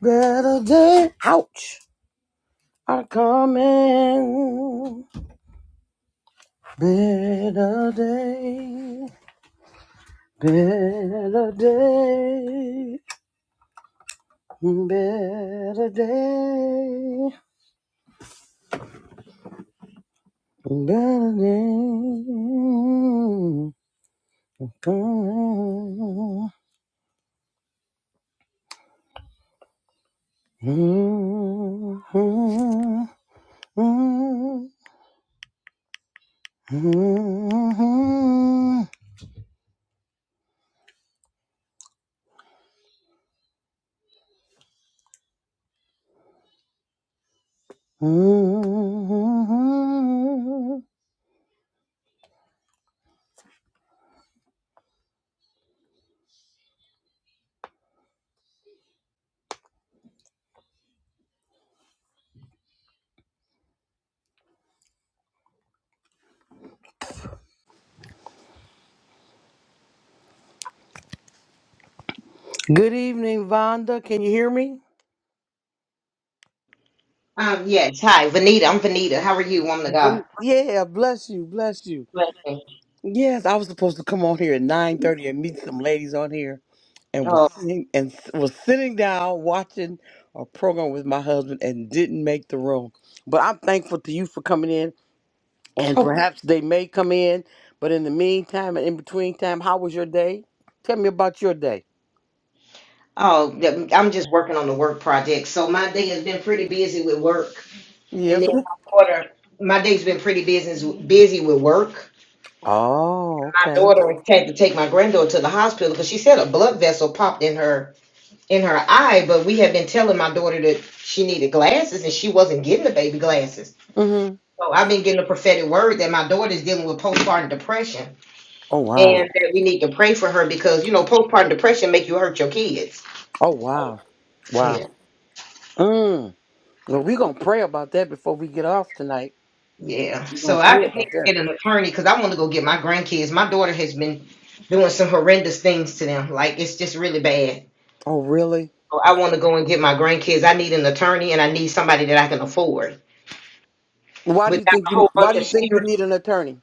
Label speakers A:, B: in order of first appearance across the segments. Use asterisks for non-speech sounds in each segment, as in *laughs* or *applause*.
A: Better day, ouch, are coming. Better day, better day, better day, better day, coming. Mm-hmm. Mm-hmm. Mm-hmm. Mm-hmm. Good evening, Vonda. Can you hear me?
B: Um, yes. Hi, Vanita. I'm Vanita. How are you, woman of God?
A: Von- Yeah, bless you, bless you.
B: Blessing.
A: Yes, I was supposed to come on here at nine thirty and meet some ladies on here, and was
B: Oh,
A: sitting and s- was sitting down watching a program with my husband and didn't make the room. But I'm thankful to you for coming in, and
B: oh,
A: perhaps they may come in. But in the meantime and in between time, how was your day? Tell me about your day.
B: oh, yeah, I'm just working on the work project. So my day has been pretty busy with work, and
A: Yes.
B: then my daughter. My day's been pretty busy busy with work.
A: Oh,
B: My
A: okay.
B: daughter had to take my granddaughter to the hospital because she said a blood vessel popped in her in her eye. But we had been telling my daughter that she needed glasses, and she wasn't getting the baby glasses.
A: Mhm.
B: So I've been getting a prophetic word that my daughter's dealing with postpartum depression
A: Oh wow.
B: and that we need to pray for her because you know postpartum depression make you hurt your kids
A: Oh wow. Wow.
B: yeah
A: Mm. Well, we're gonna pray about that before we get off tonight.
B: yeah
A: We're
B: so
A: gonna
B: i
A: pray
B: just need to
A: about that.
B: get an attorney because i want to go get my grandkids my daughter has been doing some horrendous things to them like it's just really bad
A: Oh, really?
B: so i want to go and get my grandkids i need an attorney and i need somebody that i can afford
A: Why do you
B: without a
A: think you
B: whole
A: Why
B: bunch
A: do
B: of
A: you think you
B: spiritual
A: need an attorney?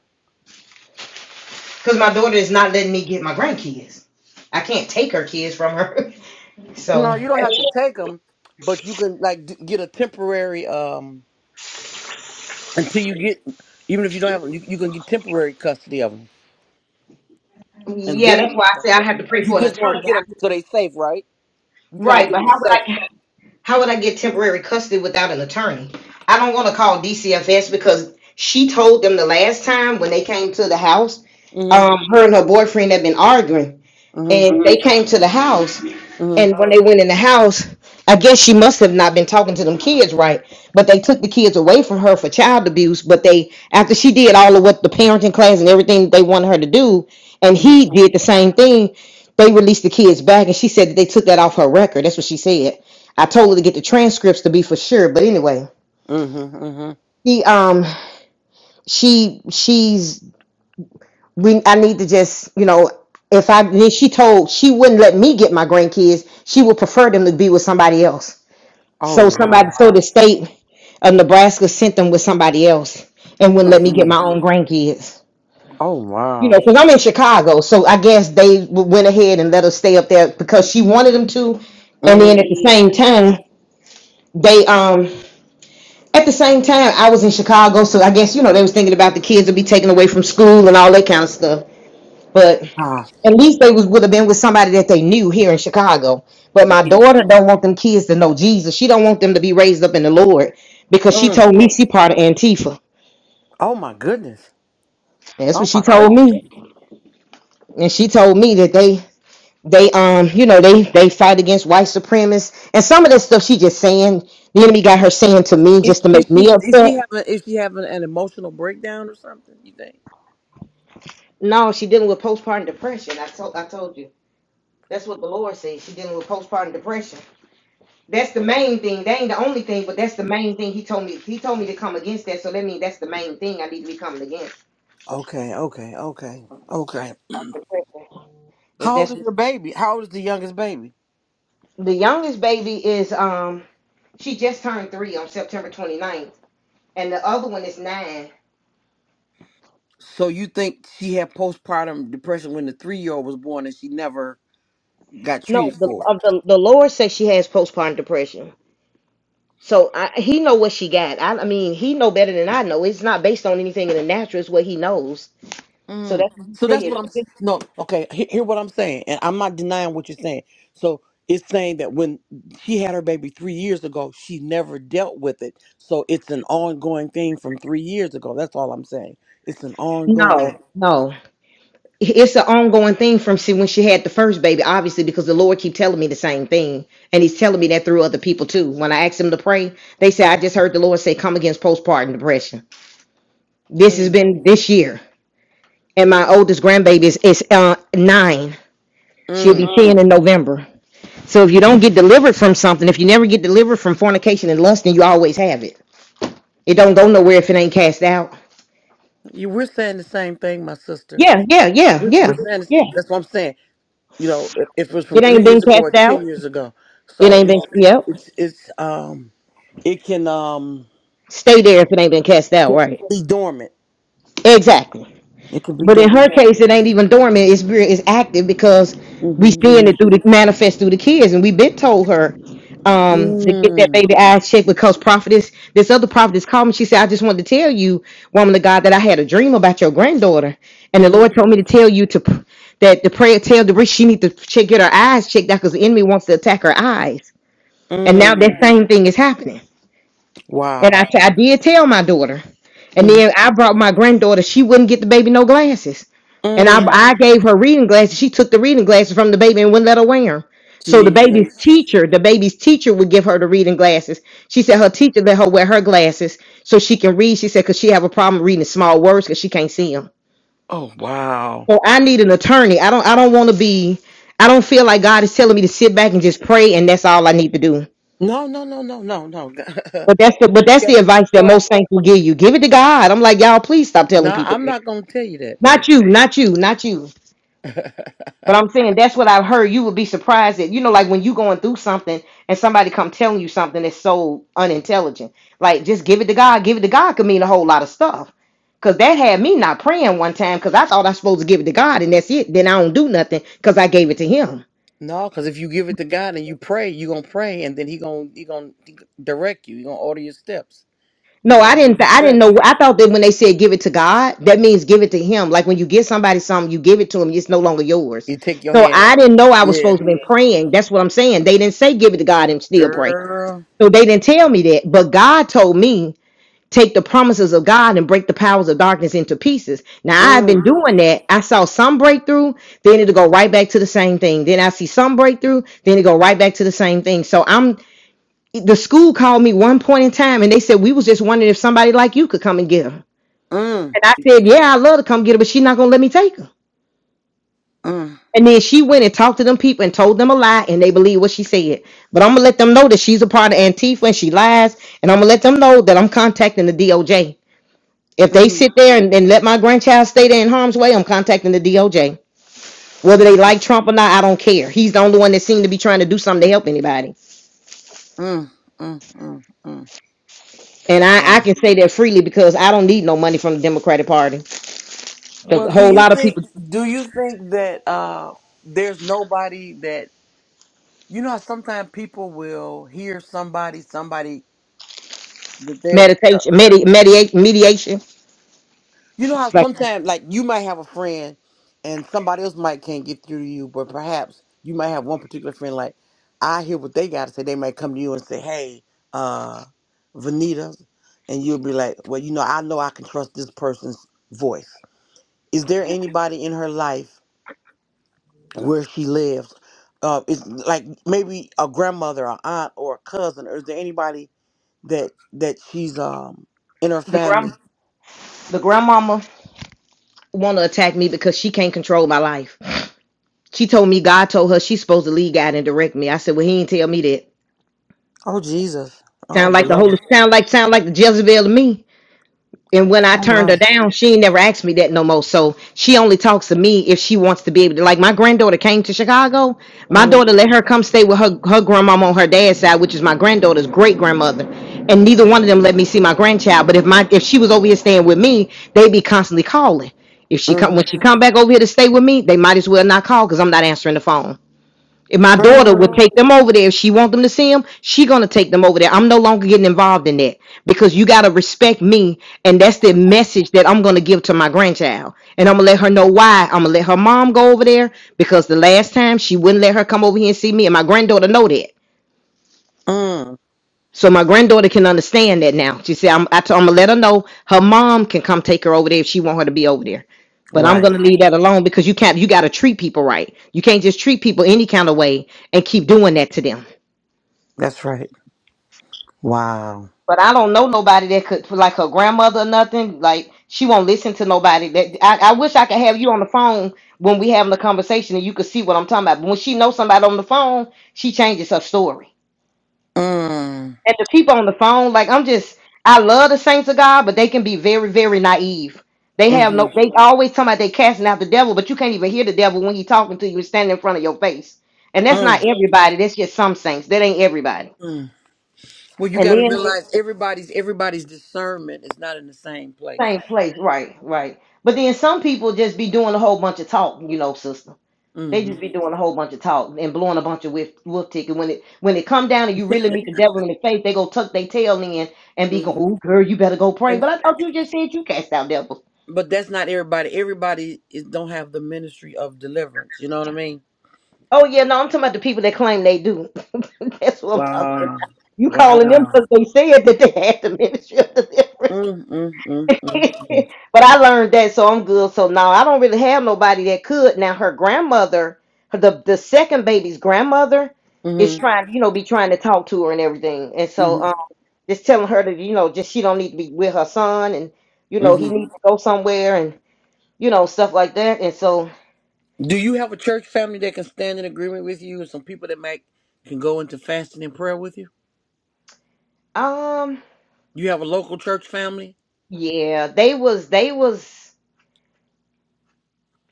B: because my daughter is not letting me get my grandkids i can't take her kids from her *laughs* so
A: No, you don't have to take them, but you can like d- get a temporary um until you get even if you don't have 'em, you, you can get temporary custody of them and
B: yeah
A: then
B: that's why i
A: work on
B: say i
A: that.
B: have to pray
A: You
B: for an
A: just want
B: attorney
A: to get them so they safe, right? You trying to
B: right
A: get
B: but
A: them
B: how
A: to
B: would
A: safety.
B: i How would I get temporary custody without an attorney? I don't want to call DCFS because she told them the last time when they came to the house,
A: Mm-hmm.
B: um, her and her boyfriend had been arguing
A: Mm-hmm.
B: and they came to the house and
A: Mm-hmm.
B: when they went in the house i guess she must have not been talking to them kids right but they took the kids away from her for child abuse but they after she did all of what the parenting class and everything they wanted her to do and he
A: Mm-hmm.
B: did the same thing they released the kids back and she said that they took that off her record that's what she said i told her to get the transcripts to be for sure but anyway
A: Mm-hmm. mm-hmm.
B: she um she she's we I need to just, you know, if I then she told she wouldn't let me get my grandkids, she would prefer them to be with somebody else. So
A: Oh
B: somebody
A: wow.
B: so the state of Nebraska sent them with somebody else and wouldn't let me get my
A: Mm-mm.
B: own grandkids.
A: Oh
B: You know,
A: wow.
B: because I'm in Chicago, so I guess they w- went ahead and let her stay up there because she wanted them to. And
A: Mm-hmm.
B: then at the same time, they um at the same time I was in Chicago, so I guess you know they was thinking about the kids would be taken away from school and all that kind of stuff. But
A: Ah.
B: At least they was would have been with somebody that they knew here in Chicago. But my daughter don't want them kids to know Jesus. She don't want them to be raised up in the Lord because she
A: Mm.
B: told me she part of Antifa.
A: Oh my goodness.
B: That's
A: Oh
B: what she
A: my
B: told
A: goodness.
B: me, and she told me that they they um you know they they fight against white supremacists and some of this stuff she just saying the enemy got her saying to me just
A: Is
B: to
A: is
B: make
A: she
B: me
A: is
B: upset.
A: she having is she having an emotional breakdown or something? You think?
B: No, she dealing with postpartum depression. I told I told you that's what the Lord said. She dealing with postpartum depression. That's the main thing. That ain't the only thing, but that's the main thing. He told me he told me to come against that, so that means that's the main thing I need to be coming against.
A: Okay, okay, okay, okay.
B: Depression. If
A: How old
B: that's
A: is your baby? How old is the youngest baby?
B: the youngest baby is um she just turned three on September 29th, and the other one is nine.
A: So you think she had postpartum depression when the three year old was born and she never got
B: No,
A: treated
B: the
A: for it?
B: of the the Lord says she has postpartum depression. So I, he know what she got. I, I mean, he know better than I know. It's not based on anything in the natural. It's what he knows. So
A: Mm.
B: that's what he
A: So
B: said.
A: that's what
B: She
A: I'm s-
B: just-
A: no okay. He, hear what I'm saying, and I'm not denying what you're saying. So it's saying that when she had her baby three years ago, she never dealt with it. So it's an ongoing thing from three years ago. That's all I'm saying. It's an
B: No,
A: ongoing.
B: no. it's an ongoing thing from she when she had the first baby, obviously, because the Lord keep telling me the same thing, and He's telling me that through other people too. When I ask them to pray, they say, "I just heard the Lord say, come against postpartum depression." This has
A: Mm.
B: been this year, and my oldest grandbaby is, is uh, nine. She'll be
A: Mm.
B: Mm. ten in November. So if you don't get delivered from something, if you never get delivered from fornication and lust, then you always have it. It don't go nowhere if it ain't cast out.
A: You, we're saying the same thing, my sister.
B: Yeah, yeah, yeah,
A: We're,
B: yeah,
A: we're saying this,
B: yeah.
A: that's what I'm saying. You know, if, if it was from
B: It ain't
A: three
B: been
A: years ago
B: cast
A: or
B: out.
A: ten years ago,
B: It
A: so
B: ain't been.
A: it's
B: Yep.
A: it's it's um it can um
B: Stay there if it ain't been cast
A: it
B: out,
A: can
B: right?
A: be dormant.
B: Exactly.
A: It can be
B: But in her
A: dormant.
B: case, it ain't even dormant. It's re- it's active because we
A: Mm-hmm.
B: seeing it through the manifest through the kids, and we been told her um to get that
A: Mm-hmm.
B: baby eyes checked because prophetess this other prophetess called me. She said, "I just wanted to tell you, woman of God, that I had a dream about your granddaughter, and the Lord
A: Mm-hmm.
B: told me to tell you to p- that the prayer tell Debris she need to check get her eyes checked out because the enemy wants to attack her eyes, and now that
A: Mm-hmm.
B: same thing is happening." And
A: Wow.
B: I, t- I did tell my daughter. And
A: Mm-hmm.
B: then I brought my granddaughter. She wouldn't get the baby no glasses. And I,
A: Mm.
B: I gave her reading glasses. She took the reading glasses from the baby and wouldn't let her wear them. So the baby's
A: Jesus.
B: teacher, the baby's teacher would give her the reading glasses. She said her teacher let her wear her glasses so she can read. She said because she have a problem reading small words because she can't see them.
A: Oh wow.
B: So I need an attorney. I don't. I don't want to be. I don't feel like God is telling me to sit back and just pray and that's all I need to do.
A: No, no, no, no, no, no. *laughs* you
B: But
A: have
B: that's the but that's the
A: to be
B: advice that
A: proactive.
B: most saints will give you. Give it to God. I'm like, y'all, please stop telling
A: No,
B: people.
A: I'm
B: that.
A: not gonna tell you that, baby.
B: Not you, not you, not you.
A: *laughs*
B: But I'm saying that's what I've heard. You would be surprised that you know, like when you going through something and somebody come telling you something that's so unintelligent. Like just give it to God. Give it to God could mean a whole lot of stuff. Cause that had me not praying one time because I thought I was supposed to give it to God and that's it. Then I don't do nothing because I gave it to him.
A: no, because if you give it to God and you pray, you gonna pray, and then He gonna He gonna direct you. He gonna order your steps. He
B: No, I
A: gonna give
B: didn't.
A: you
B: th- I didn't
A: strategy.
B: know. I thought that when they said give it to God, that means give it to Him. Like when you give somebody something, you give it to them. It's no longer yours.
A: You take your
B: So I
A: hands.
B: didn't know I was
A: Yeah,
B: supposed to be praying. That's what I'm saying. They didn't say give it to God and still pray.
A: girl.
B: So they didn't tell me that. But God told me take the promises of God and break the powers of darkness into pieces. Now I've been
A: Mm,
B: doing that. I saw some breakthrough, then it'll go right back to the same thing. Then I see some breakthrough, then it go right back to the same thing. So I'm the school called me one point in time and they said we was just wondering if somebody like you could come and get her.
A: mm,
B: And I said, Yeah, I love to come get her, but she's not gonna let me take her.
A: mm,
B: And then she went and talked to them people and told them a lie and they believe what she said. But I'm gonna let them know that she's a part of Antifa and she lies, and I'm gonna let them know that I'm contacting the DOJ. If they
A: mm,
B: sit there and, and let my grandchild stay there in harm's way, I'm contacting the DOJ. Whether they like Trump or not, I don't care. He's the only one that seemed to be trying to do something to help anybody.
A: mm, mm, mm, mm.
B: And I, I
A: Wow.
B: can say that freely because I don't need no money from the Democratic Party. Because
A: Well,
B: a
A: do
B: whole
A: you
B: lot of
A: think
B: people
A: do you think that uh there's nobody that you know how sometimes people will hear somebody somebody that they are
B: meditation, medi- mediate, mediation.
A: you know how
B: Like
A: sometimes like you might have a friend and somebody else might can't get through to you but perhaps you might have one particular friend like I hear what they got to say they might come to you and say hey uh Vanita and you'll be like well you know I know I can trust this person's voice is there anybody in her life where she lives. Uh, it's like maybe a grandmother, a aunt, or a cousin. Or is there anybody that that she's um in her
B: the grand,
A: family?
B: the grandmama want to attack me because she can't control my life. She told me God told her she's supposed to lead God and direct me. I said, well, he ain't tell me that.
A: Oh, Jesus. Oh,
B: Sound like the
A: beloved.
B: Holy, sound like sound like the Jezebel to me. And when I
A: Oh
B: turned
A: my.
B: her down, she ain't never asked me that no more. So she only talks to me if she wants to be able to. Like my granddaughter came to Chicago. My
A: Mm,
B: daughter let her come stay with her her grandmama on her dad's side, which is my granddaughter's great grandmother. And neither one of them let me see my grandchild. But if my if she was over here staying with me, they'd be constantly calling. If she come when she
A: mm,
B: come back over here to stay with me, they might as well not call because I'm not answering the phone. If my daughter would
A: mm,
B: take them over there if she want them to see them. she gonna take them over there. I'm no longer getting involved in that because you gotta respect me, and that's the message that I'm gonna give to my grandchild. And I'm gonna let her know why. I'm gonna let her mom go over there because the last time she wouldn't let her come over here and see me, and my granddaughter know that.
A: mm.
B: So my granddaughter can understand that now. She said, "I'm, I t- I'm gonna let her know her mom can come take her over there if she want her to be over there." But I'm
A: Right.
B: gonna leave that alone because you can't. You gotta treat people right. You can't just treat people any kind of way and keep doing that to them.
A: That's right. Wow.
B: But I don't know nobody that could, like her grandmother or nothing. Like she won't listen to nobody. That I, I wish I could have you on the phone when we having a conversation and you could see what I'm talking about. But when she knows somebody on the phone, she changes her story.
A: Mm,
B: And the people on the phone, like I'm just, I love the saints of God, but they can be very, very naive. They have no,
A: mm,
B: they always talking about they casting out the devil, but you can't even hear the devil when he talking to you and standing in front of your face. And that's
A: mm,
B: not everybody. That's just some saints. That ain't everybody.
A: mm. Well, you
B: And
A: got to
B: then
A: realize everybody's everybody's discernment is not in the same place.
B: Same place, right, right. But then some people just be doing a whole bunch of talk, you know, sister. They
A: Mm-hmm.
B: just be doing a whole bunch of talk and blowing a bunch of whiff wolf ticket. When it when it come down and you really meet the devil in the face, they go tuck their tail in and be going,
A: mm-hmm.
B: "Ooh, girl, you better go pray." But I thought you just said you cast out devils.
A: but that's not everybody. Everybody is, don't have the ministry of deliverance. You know what I mean?
B: Oh yeah, no, I'm talking about the people that claim they do. *laughs* That's what I'm talking about.
A: Wow.
B: You calling them
A: Wow.
B: because they said that they had the ministry of deliverance.
A: Mm, mm, mm, mm,
B: *laughs*
A: mm.
B: but I learned that, so I'm good. So now I don't really have nobody that could. Now her grandmother, her- the the second baby's grandmother, is
A: Mm-hmm,
B: trying, you know, be trying to talk to her and everything, and so um,
A: mm-hmm,
B: just telling her that you know, just she don't need to be with her son, and you know, he
A: mm-hmm.
B: needs to go somewhere, and you know, stuff like that. And so,
A: Do you have a church family that can stand in agreement with you and some people that might can go into fasting and prayer with you?
B: um,
A: You have a local church family?
B: yeah, they was they was.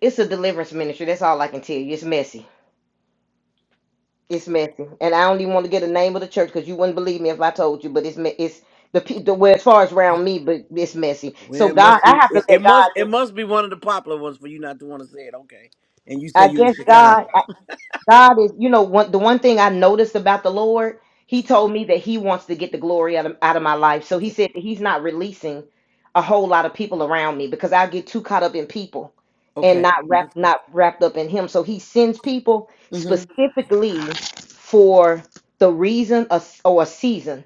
B: It's a deliverance ministry. That's all I can tell you. It's messy. It's messy, and I don't even want to get the name of the church because you wouldn't believe me if I told you. But it's me- it's the pe- the well as far as around me, but it's messy.
A: Well,
B: So
A: it
B: God,
A: must
B: I
A: be
B: have to
A: it, it
B: let God.
A: must it
B: Just,
A: must be one of the popular ones for you not to want to say it, okay. And you say
B: I
A: you in
B: guess
A: Chicago.
B: God. God is, you know, one the one thing I noticed about the Lord, he told me that he wants to get the glory out of, out of my life. So he
A: Okay.
B: said that he's not releasing a whole lot of people around me because I get too caught up in people and
A: Okay.
B: not wrapped not wrapped up in him. So he sends people
A: Mm-hmm.
B: specifically for the reason or or a season,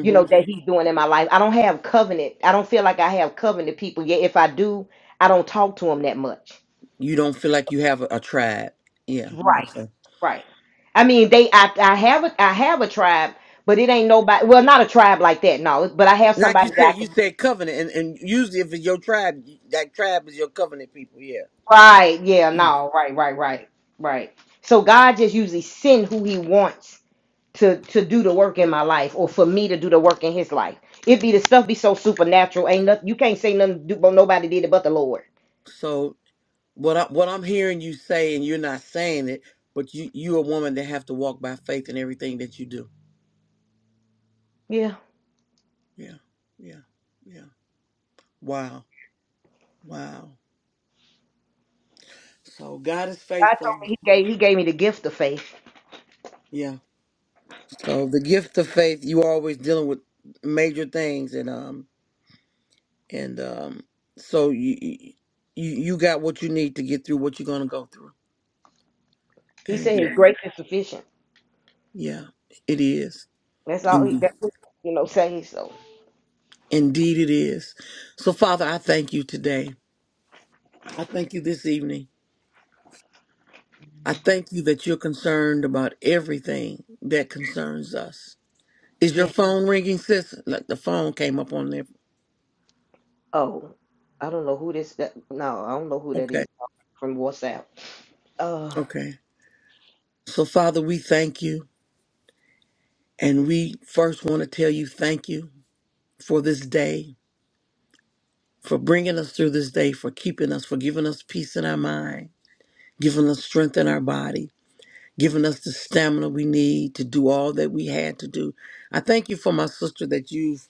B: you know, that he's doing in my life. I don't have covenant. I don't feel like I have covenant people yet. If I do, I don't talk to them that much.
A: You don't feel like you have a, a tribe. Yeah.
B: Right.
A: Okay.
B: Right. I mean, they. I. I have. A, I have a tribe, but it ain't nobody. Well, not a tribe like that. No, but I have
A: Like you
B: somebody that. I
A: said,
B: can,
A: you said covenant, and, and usually if it's your tribe, that tribe is your covenant people. Yeah.
B: right. Yeah.
A: Mm.
B: No. Right. Right. Right. Right. So God just usually send who He wants to to do the work in my life, or for me to do the work in His life. It be the stuff be so supernatural. Ain't nothing. You can't say nothing. Do, but nobody did it but the Lord.
A: So what I, what I'm hearing you say, and you're not saying it, but you you a woman that have to walk by faith in everything that you do.
B: Yeah.
A: Yeah. Yeah. Yeah. Wow. Wow. So God is
B: God told
A: faithful.
B: me He gave. He gave me the gift of faith.
A: Yeah. So the gift of faith, you always dealing with major things, and um and um so you you you got what you need to get through what you're gonna go through,
B: He said, His "Grace is sufficient."
A: Yeah, it is.
B: That's all He.
A: Indeed.
B: That's what, you know. Say so.
A: Indeed, it is. So, Father, I thank you today. I thank you this evening. I thank you that you're concerned about everything that concerns us. Is your phone ringing, sis? Like the phone came up on there.
B: Oh, I don't know who this. That, no, I don't know who that
A: Okay.
B: is from WhatsApp. Uh,
A: Okay. So, Father, we thank you. And we first want to tell you thank you for this day, for bringing us through this day, for keeping us, for giving us peace in our mind, giving us strength in our body. giving us the stamina we need to do all that we had to do. I thank you for my sister that you've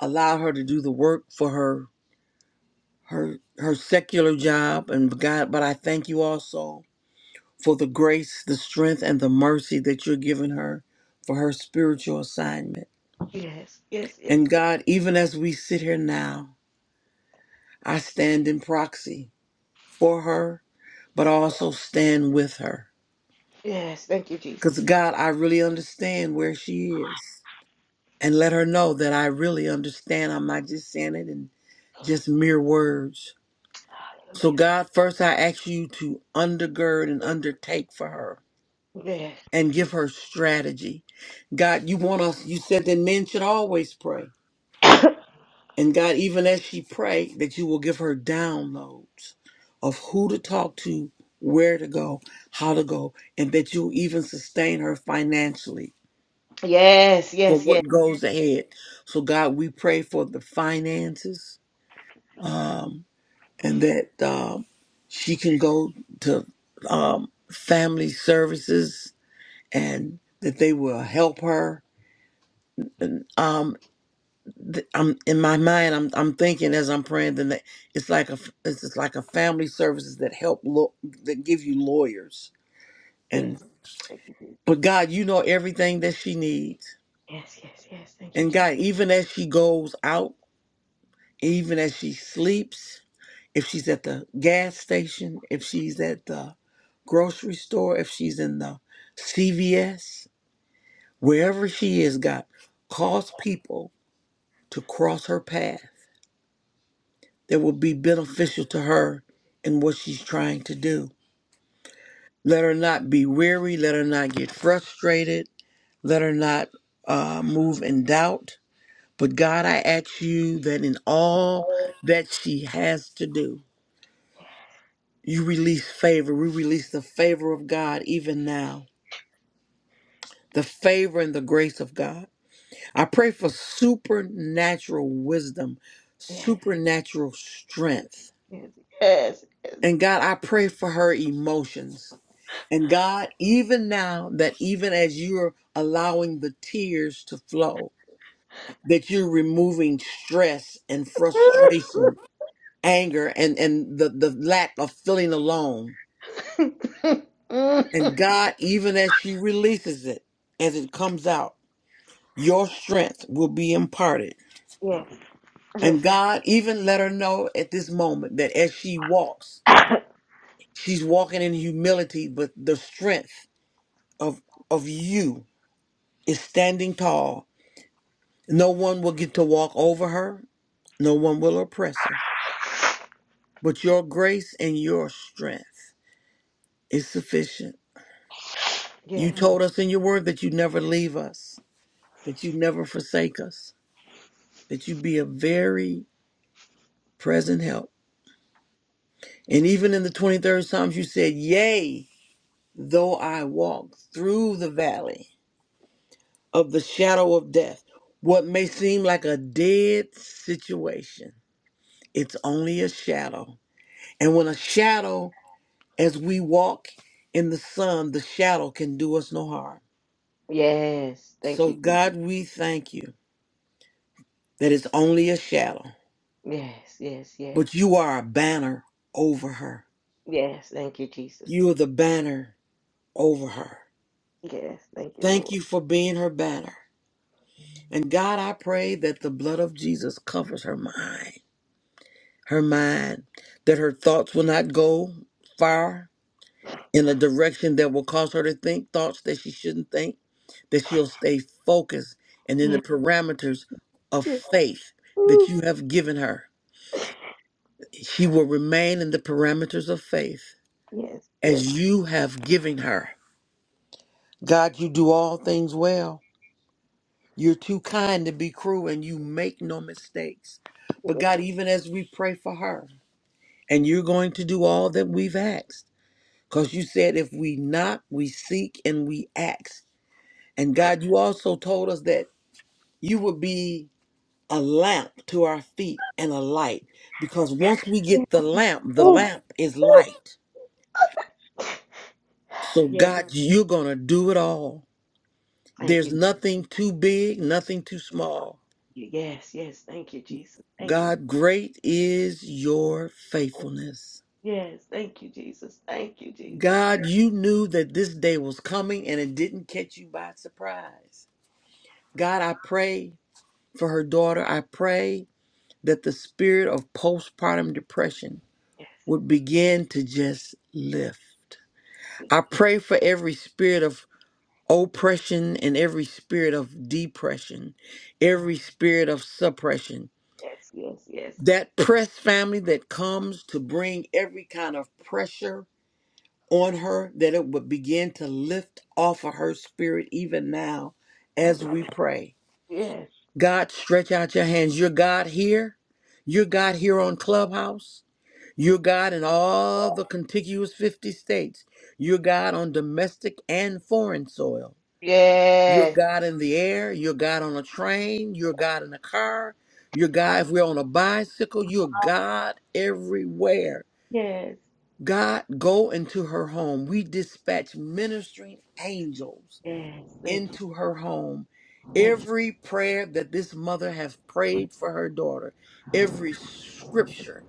A: allowed her to do the work for her her her secular job and God, but I thank you also for the grace, the strength and the mercy that you're giving her for her spiritual assignment.
B: yes, yes, yes,
A: And
B: yes.
A: God, even as we sit here now, I stand in proxy for her, but also stand with her.
B: yes, Thank you,
A: Cuz
B: Jesus.
A: God, I really understand where she is. and let her know that I really understand. I'm not just saying it in just mere words. So,
B: Hallelujah.
A: God, first I ask you to undergird and undertake for her
B: Yes, yes,
A: and give her strategy. God, you want us, you said that men should always pray.
B: yes,
A: And God, even as she pray, that you will give her downloads of who to talk to, where to go, how to go, and that you'll even sustain her financially
B: *coughs* yes,
A: for
B: yes, yes.
A: what goes ahead. So, God, we pray for the finances. um, and that um, she can go to um, family services and that they will help her. Um, th- I'm in my mind. I'm I'm thinking as I'm praying. Then that it's like a f- it's just like a family services that help lo- that give you lawyers and
B: yes. Thank you.
A: but God, you know everything that she needs.
B: Yes, yes, yes. Thank you,
A: And
B: Jesus.
A: God, even as she goes out, even as she sleeps, if she's at the gas station, if she's at the grocery store, if she's in the CVS, wherever she is, God, cause people to cross her path that will be beneficial to her in what she's trying to do. Let her not be weary. Let her not get frustrated. Let her not uh, move in doubt. But God, I ask you that in all that she has to do, you release favor. We release the favor of God even now the favor and the grace of God. I pray for supernatural wisdom,
B: Yes,
A: supernatural strength.
B: yes, yes, yes.
A: And God, I pray for her emotions. And God, even now, that even as you're allowing the tears to flow, that you're removing stress and frustration, anger, and, and the, the lack of feeling alone.
B: *laughs* yes,
A: And God, even as she releases it, as it comes out, your strength will be imparted
B: yes,
A: And God even let her know at this moment that as she walks, she's walking in humility, but the strength of of you is standing tall. No one will get to walk over her, no one will oppress her. But your grace and your strength is sufficient.
B: *coughs*
A: You
B: yes,
A: told us in your word that you never leave us, that you never forsake us, that you be a very present help. And even in the 23rd Psalms, you said, Yea. Though I walk through the valley of the shadow of death, what may seem like a dead situation, it's only a shadow. And when a shadow, as we walk in the sun, the shadow can do us no harm.
B: yes. Thank
A: So,
B: you. Jesus.
A: God, we thank you that it's only a shadow,
B: Yes, yes,
A: but
B: yes,
A: you are a banner over her.
B: yes. Thank you, Jesus.
A: You are the banner over her.
B: Yes, thank
A: Thank
B: you,
A: you for being her banner. And God, I pray that the blood of Jesus covers her mind her mind, that her thoughts will not go far in a direction that will cause her to think thoughts that she shouldn't think, that she'll stay focused and in
B: Lord.
A: the parameters of
B: Yes,
A: faith that
B: Ooh,
A: you have given her. She will remain in the parameters of faith
B: yes, yes.
A: as you have given her. God, you do all things well. You're too kind to be cruel and you make no mistakes.
B: yes.
A: But God, even as we pray for her, and you're going to do all that we've asked Because you said if we knock, we seek and we ask. And God, you also told us that you would be a lamp to our feet and a light. Because once we
B: yes.
A: get the lamp, the
B: Ooh,
A: lamp is
B: ooh.
A: light. So,
B: Yes,
A: God, you're going to do it all.
B: Thank you.
A: There's
B: thank
A: nothing too big, nothing too small.
B: you. Yes, yes. Thank you, Jesus. Thank you.
A: God, great is your faithfulness.
B: Yes, thank you, Jesus. Thank you, Jesus.
A: God, you knew that this day was coming and it didn't catch you by surprise. God, I pray For her daughter, I pray that the spirit of postpartum depression
B: Yes,
A: would begin to just lift.
B: yes,
A: I pray for every spirit of oppression and every spirit of depression,
B: ooh,
A: every spirit of suppression.
B: yes, yes. yes.
A: That press family that comes to bring every kind of pressure on her, that it would begin to lift off of her spirit even now as
B: Hallelujah.
A: we pray.
B: Yes,
A: God, stretch out your hands. You're God here. You're God here on Clubhouse. You're God in all the contiguous 50 states. You're God on domestic and foreign soil. You're
B: yes,
A: God in the air. You're God on a train. You're God in a car. You're God if we're on a bicycle. You're God everywhere.
B: yes,
A: God, go into her home. We dispatch ministering angels
B: yes. Thank you.
A: into her home.
B: Thank you.
A: Every prayer that this mother has prayed for her daughter, every scripture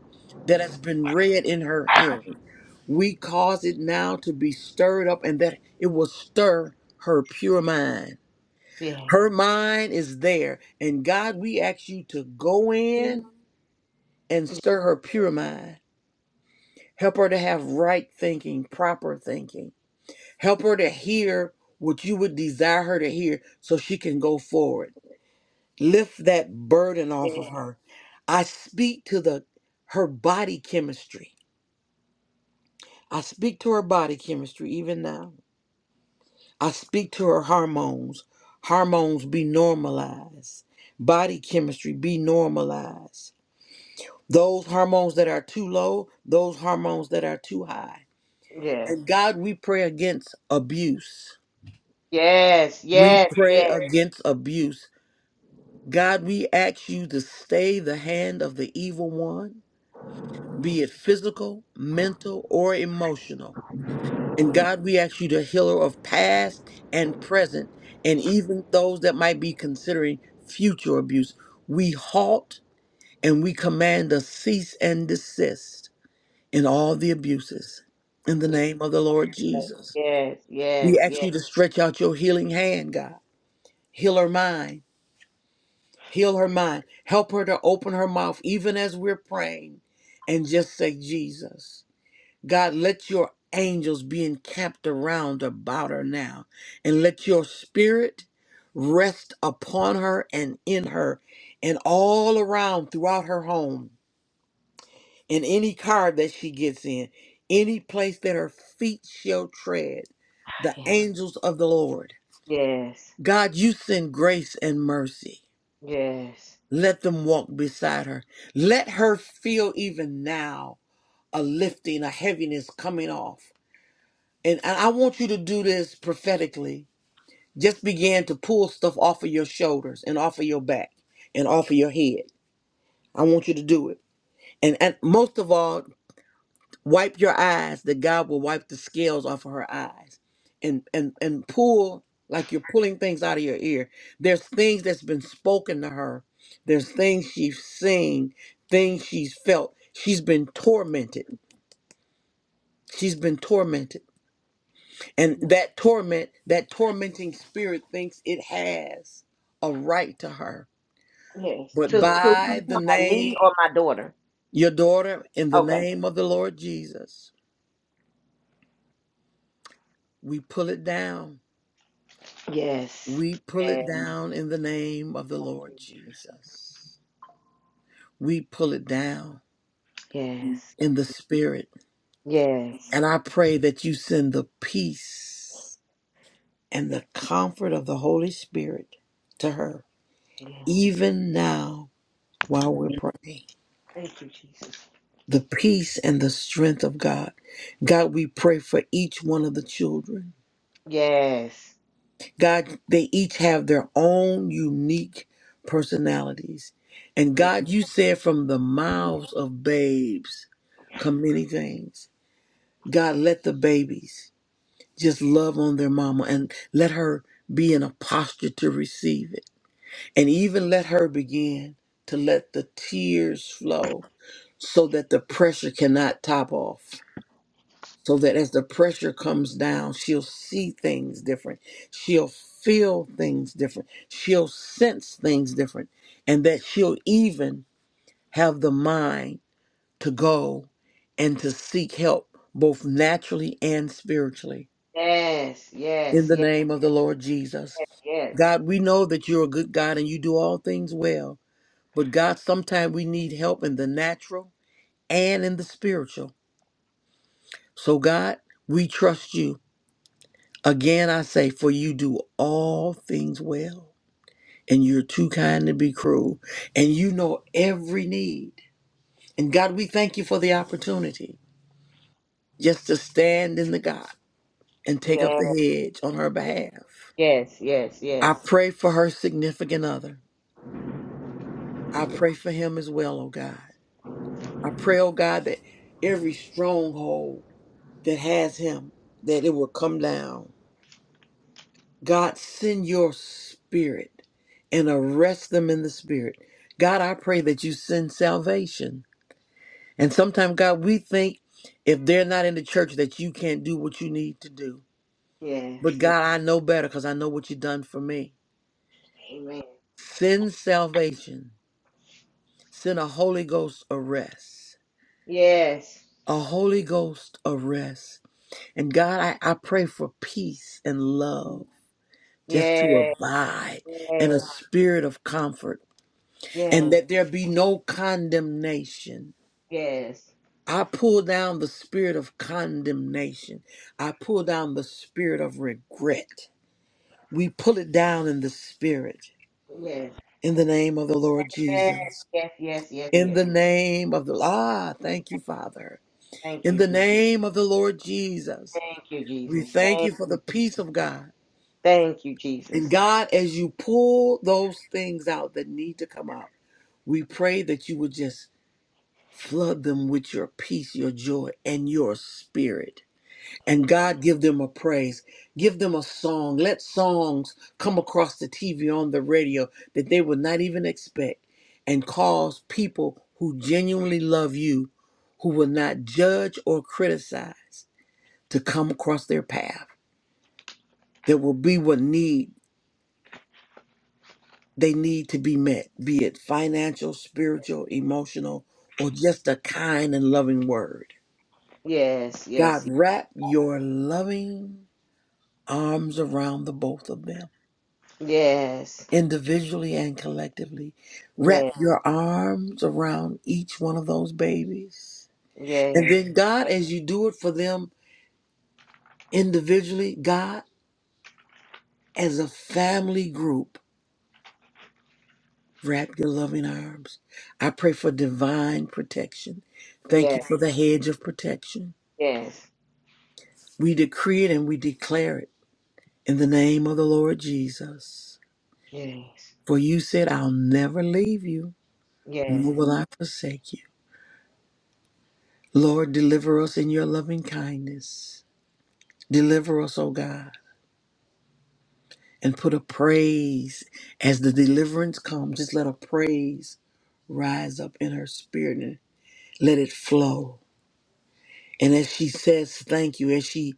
A: that has been read in her hearing, we cause it now to be stirred up and that it will stir her pure mind.
B: Yes,
A: Her mind is there. And God, we ask you to go in and stir her pure mind. Help her to have right thinking, proper thinking. Help her to hear what you would desire her to hear so she can go forward. lift that burden
B: yes, yes,
A: off of
B: yes,
A: her. I speak to the her body chemistry. I speak to her body chemistry even now. I speak to her hormones. Hormones be normalized. Body chemistry be normalized. Those hormones that are too low, those hormones that are too high.
B: yes,
A: And
B: yes,
A: God, we pray against abuse. We pray against abuse. God, we ask you to stay the hand of the evil one be it physical, mental, or emotional. And God, we ask you to heal her of past and present, and even those that might be considering future abuse. We halt and we command a cease and desist in all the abuses. In the name of the Lord Jesus,
B: yes, yes,
A: we
B: yes,
A: ask
B: yes,
A: you to stretch out your healing hand, God. Heal her mind. Heal her mind. Help her to open her mouth, even as we're praying, and just say, Jesus. God, let your angels be encamped around about her now, and let your spirit rest upon her and in her and all around throughout her home, in any car that she gets in, any place that her feet shall tread, the angels of the Lord.
B: Yeah. yes,
A: God, you send grace and mercy.
B: yes,
A: Let them walk beside her. Let her feel even now a lifting, a heaviness coming off. And and I want you to do this prophetically. Just begin to pull stuff off of your shoulders and off of your back and off of your head. I want you to do it. And, and most of all, wipe your eyes that God will wipe the scales off of her eyes. And and and pull like you're pulling things out of your ear. There's things that's been spoken to her. There's things she's seen, things she's felt. She's been tormented. She's been tormented And that torment, that tormenting spirit thinks it has a right to her.
B: yes.
A: But
B: To to who you
A: by
B: talking
A: the
B: about, me
A: name,
B: or my daughter?
A: your daughter, in the
B: Okay.
A: name of the Lord Jesus, we pull it down.
B: Yes.
A: We pull
B: Yeah.
A: it down in the name of the Lord Jesus. We pull it down
B: Yes.
A: in the spirit.
B: Yes.
A: And I pray that you send the peace and the comfort of the Holy Spirit to her,
B: Yeah.
A: even now while we're
B: Yeah.
A: praying.
B: Thank you, Jesus.
A: the peace and the strength of God. God, we pray for each one of the children.
B: Yes.
A: God, they each have their own unique personalities. And God, you said from the mouths of babes come many things. God, let the babies just love on their mama and let her be in a posture to receive it. And even let her begin to let the tears flow so that the pressure cannot top off. so that as the pressure comes down, she'll see things different. She'll feel things different. She'll sense things different. And that she'll even have the mind to go and to seek help, both naturally and spiritually.
B: Yes. Yes.
A: In
B: Yes.
A: the name of the Lord Jesus.
B: Yes.
A: God, we know that you're a good God and you do all things well. But God, sometimes we need help in the natural and in the spiritual. So, God, we trust you. Again, I say, for you do all things well, and you're too kind to be cruel, and you know every need. And God, we thank you for the opportunity just to stand in the gap and take up the
B: Yes.
A: hedge on her behalf.
B: Yes. Yes. Yes. Yes.
A: I
B: Yes.
A: pray for her significant other. I pray for him as well, oh God. I pray, oh God, that every stronghold that has him, that it will come down God, send your spirit and arrest them in the spirit. God, I pray that you send salvation. And sometimes, God, we think if they're not in the church that you can't do what you need to do. But
B: Yes.
A: God, I know better because I know what you've done for me.
B: Amen.
A: Send salvation. Send a Holy Ghost arrest.
B: Yes.
A: A Holy Ghost arrest. And God, I, I pray for peace and love just to
B: Yes.
A: abide and a
B: Yes.
A: spirit of comfort. and
B: Yes.
A: that there be no condemnation.
B: Yes. Yes.
A: I pull down the spirit of condemnation. I pull down the spirit of regret. We pull it down in the spirit in the name of the Lord Jesus.
B: Yes. Yes. Yes.
A: In
B: Yes.
A: the name of the Ah, thank you, Father.
B: Thank
A: In
B: you,
A: the
B: Jesus.
A: name of the Lord Jesus.
B: Thank you,
A: We
B: Jesus.
A: thank
B: Thank
A: you for the
B: you.
A: peace of God.
B: Thank you,
A: And
B: Jesus.
A: God, as you pull those things out that need to come out, we pray that you would just Flood them with your peace, your joy, and your spirit. And God, give them a praise. Give them a song. Let songs come across the TV on the radio that they would not even expect and cause people who genuinely love you, who will not judge or criticize, to come across their path There will be what need they need to be met, be it financial, spiritual, emotional, or just a kind and loving word.
B: Yes.
A: God,
B: Yes.
A: wrap your loving arms around the both of them,
B: Yes.
A: individually and collectively.
B: Yes.
A: Wrap your arms around each one of those babies. And
B: Yes,
A: then, God, as you do it for them individually, God, as a family group, wrap your loving arms. I pray for divine protection. Thank you
B: yes,
A: for the hedge of protection.
B: yes,
A: We decree it and we declare it in the name of the Lord Jesus.
B: yes,
A: For you said, I'll never leave you,
B: yes.
A: nor will I forsake you. Lord, deliver us in your loving kindness. Deliver us, O God, and put a praise as the deliverance comes. Just let a praise rise up in her spirit and let it flow. And as she says thank you, as she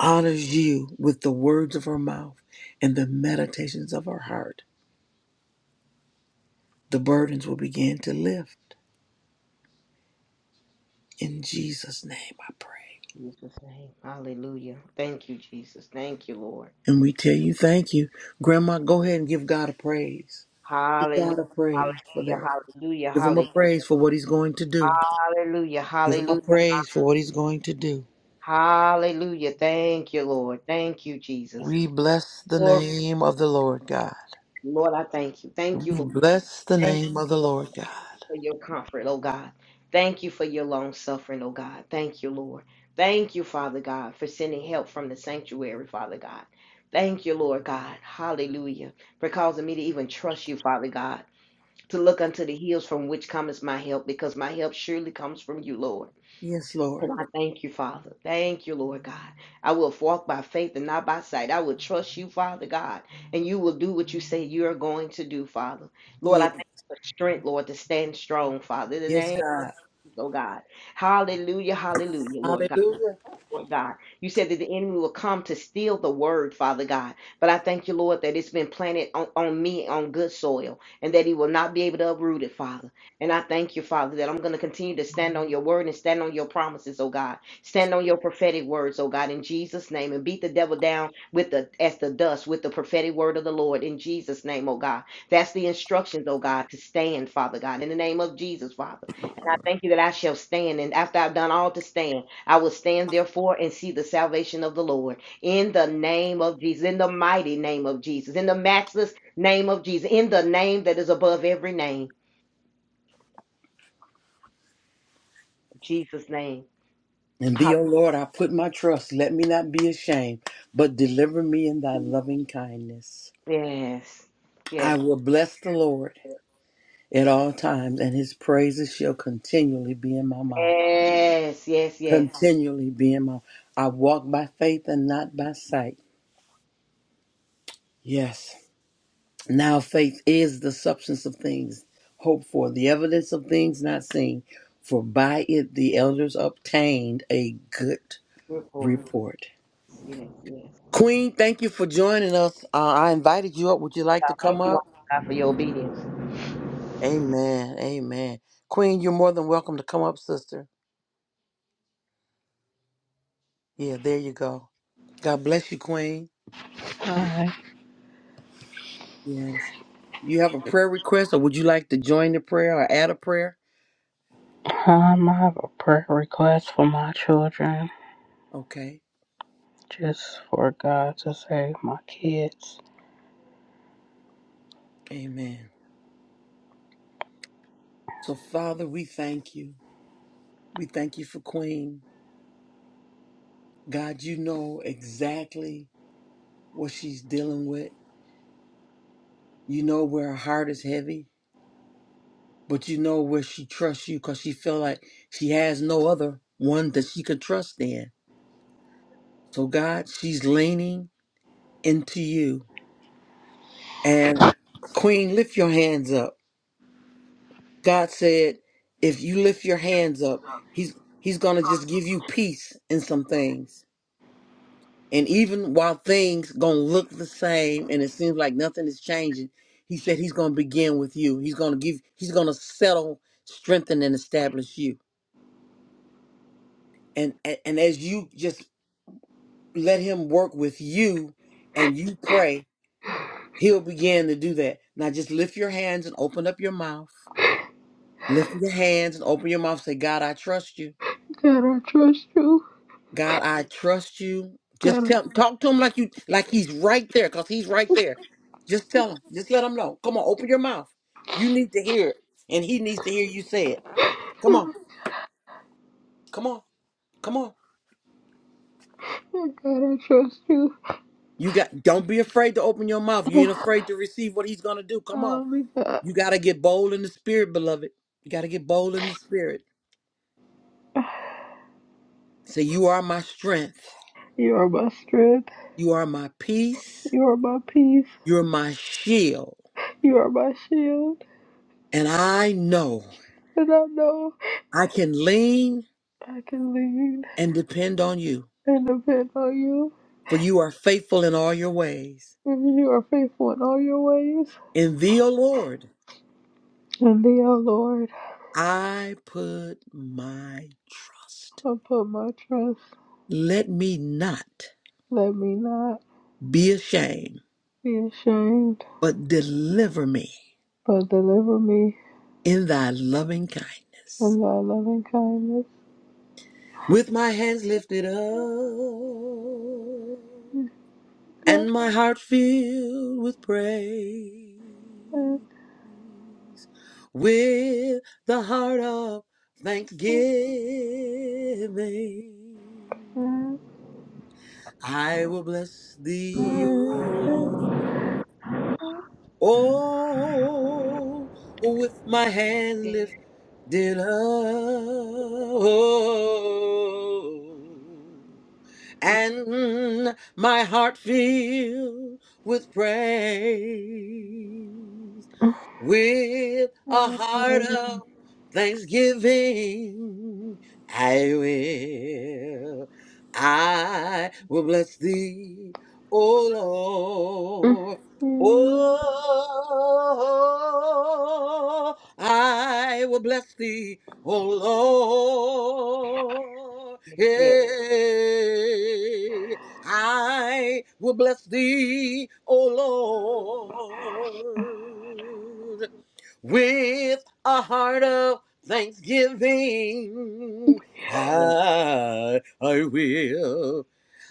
A: honors you with the words of her mouth and the meditations of her heart, the burdens will begin to lift. In Jesus' name I pray.
B: In Jesus' name. Hallelujah. Thank you, Jesus. Thank you, Lord.
A: And we tell you thank you. Grandma, go ahead and give God a praise. Give
B: Hallelujah.
A: God a praise for
B: Hallelujah.
A: that.
B: Hallelujah.
A: Give him a
B: Hallelujah.
A: praise for what he's going to do.
B: Hallelujah.
A: Give him a
B: Hallelujah.
A: praise for what he's going to do.
B: Hallelujah. Thank you, Lord. Thank you, Jesus.
A: We bless the
B: Lord,
A: name of the Lord God.
B: Lord, I thank you. Thank you,
A: We
B: Lord.
A: bless the
B: Thank
A: name of the
B: you.
A: Lord God.
B: for your comfort, oh God. Thank you for your long suffering, oh God. Thank you, Lord. Thank you, Father God, for sending help from the sanctuary, Father God. Thank you, Lord God. Hallelujah. For causing me to even trust you, Father God, to look unto the hills from which cometh my help, because my help surely comes from you, Lord.
A: Yes, Lord.
B: And I thank you, Father. Thank you, Lord God. I will walk by faith and not by sight. I will trust you, Father God, and you will do what you say you are going to do, Father. Lord, I
A: Yes,
B: thank you for strength, Lord, to stand strong, Father, in the
A: yes,
B: name of
A: God.
B: Jesus, oh God. Hallelujah, hallelujah, Lord God.
A: Hallelujah.
B: Lord God. You said that the enemy will come to steal the word, Father God. But I thank you, Lord, that it's been planted on, on me on good soil and that he will not be able to uproot it, Father. And I thank you, Father, that I'm going to continue to stand on your word and stand on your promises, oh God. Stand on your prophetic words, oh God, in Jesus' name and beat the devil down with the as the dust with the prophetic word of the Lord in Jesus' name, oh God. That's the instructions, oh God, to stand, Father God, in the name of Jesus, Father. And I thank you that I shall stand. And after I've done all to stand, I will stand therefore and see the salvation of the Lord in the name of Jesus, in the mighty name of Jesus, in the matchless name of Jesus, in the name that is above every name, Jesus' name.
A: And
B: Hallelujah.
A: thee, O Lord, I put my trust. Let me not be ashamed, but deliver me in thy loving kindness.
B: Yes,
A: I
B: yes,
A: will bless the Lord at all times, and his praises shall continually be in my mouth.
B: yes, yes, yes.
A: Continually be in my I walk by faith and not by sight. Yes. Now faith is the substance of things hoped for, the evidence of things not seen. For by it the elders obtained a good
B: Report.
A: report.
B: Yes, yes.
A: Queen, thank you for joining us. Uh, I invited you up. Would you like
B: God,
A: to come
B: thank you,
A: up?
B: God, for your obedience.
A: Amen. Amen. Queen, you're more than welcome to come up, sister. Yeah, there you go. God bless you, Queen.
C: Hi.
A: Yes. You have a prayer request, or would you like to join the prayer or add a prayer?
C: Um, I have a prayer request for my children,
A: Okay.
C: just for God to save my kids.
A: Amen. So, Father, we thank you. We thank you for Queen. God, you know exactly what she's dealing with. You know where her heart is heavy, but you know where she trusts you because she feel like she has no other one that she could trust in. So, God, she's leaning into you. And Queen, lift your hands up. God said, if you lift your hands up, he's he's gonna just give you peace in some things. And even while things gonna look the same and it seems like nothing is changing, he said he's gonna begin with you. He's gonna give he's gonna settle, strengthen, and establish you. And and, and as you just let him work with you and you pray, he'll begin to do that. Now just lift your hands and open up your mouth. Lift your hands and open your mouth. Say, God, I trust you.
C: God, I trust you.
A: God, I trust you. Just
C: God,
A: tell talk to him like you like he's right there, cause he's right there. Just tell him. Just let him know. Come on, open your mouth. You need to hear it. And he needs to hear you say it. Come on.
C: I
A: Come on. Come on.
C: God, I trust you.
A: You got don't be afraid to open your mouth. You ain't afraid to receive what he's gonna do. Come on.
C: Oh my God,
A: You gotta get bold in the spirit, beloved. You gotta get bold in the spirit. Say, You are my strength.
C: you are my strength.
A: You are my peace.
C: You are my peace.
A: You're my shield.
C: You are my shield,
A: And I know
C: and I know
A: I can lean
C: I can lean
A: and depend on you,
C: and depend on you.
A: for you are faithful in all your ways.
C: If you are faithful in all your ways,
A: In thee, O Lord,
C: and thee, O Lord,
A: I put my trust.
C: I put my trust.
A: Let me not
C: Let me not
A: be ashamed,
C: be ashamed.
A: but deliver me
C: but deliver me
A: in thy loving kindness.
C: from thy loving kindness.
A: With my hands lifted up
C: Thank
A: and my heart filled with praise,
C: you, thank
A: with the heart of thanksgiving.
C: you,
A: I will bless thee, O Oh, with my hand
B: Yes,
A: lifted up and my heart filled with praise. With a heart of thanksgiving, I will, I will bless thee, O Lord. Oh, I will bless thee, O Lord.
B: yes,
A: Yeah. I will bless thee, O Lord with a heart of thanksgiving.
B: yes,
A: I, I will.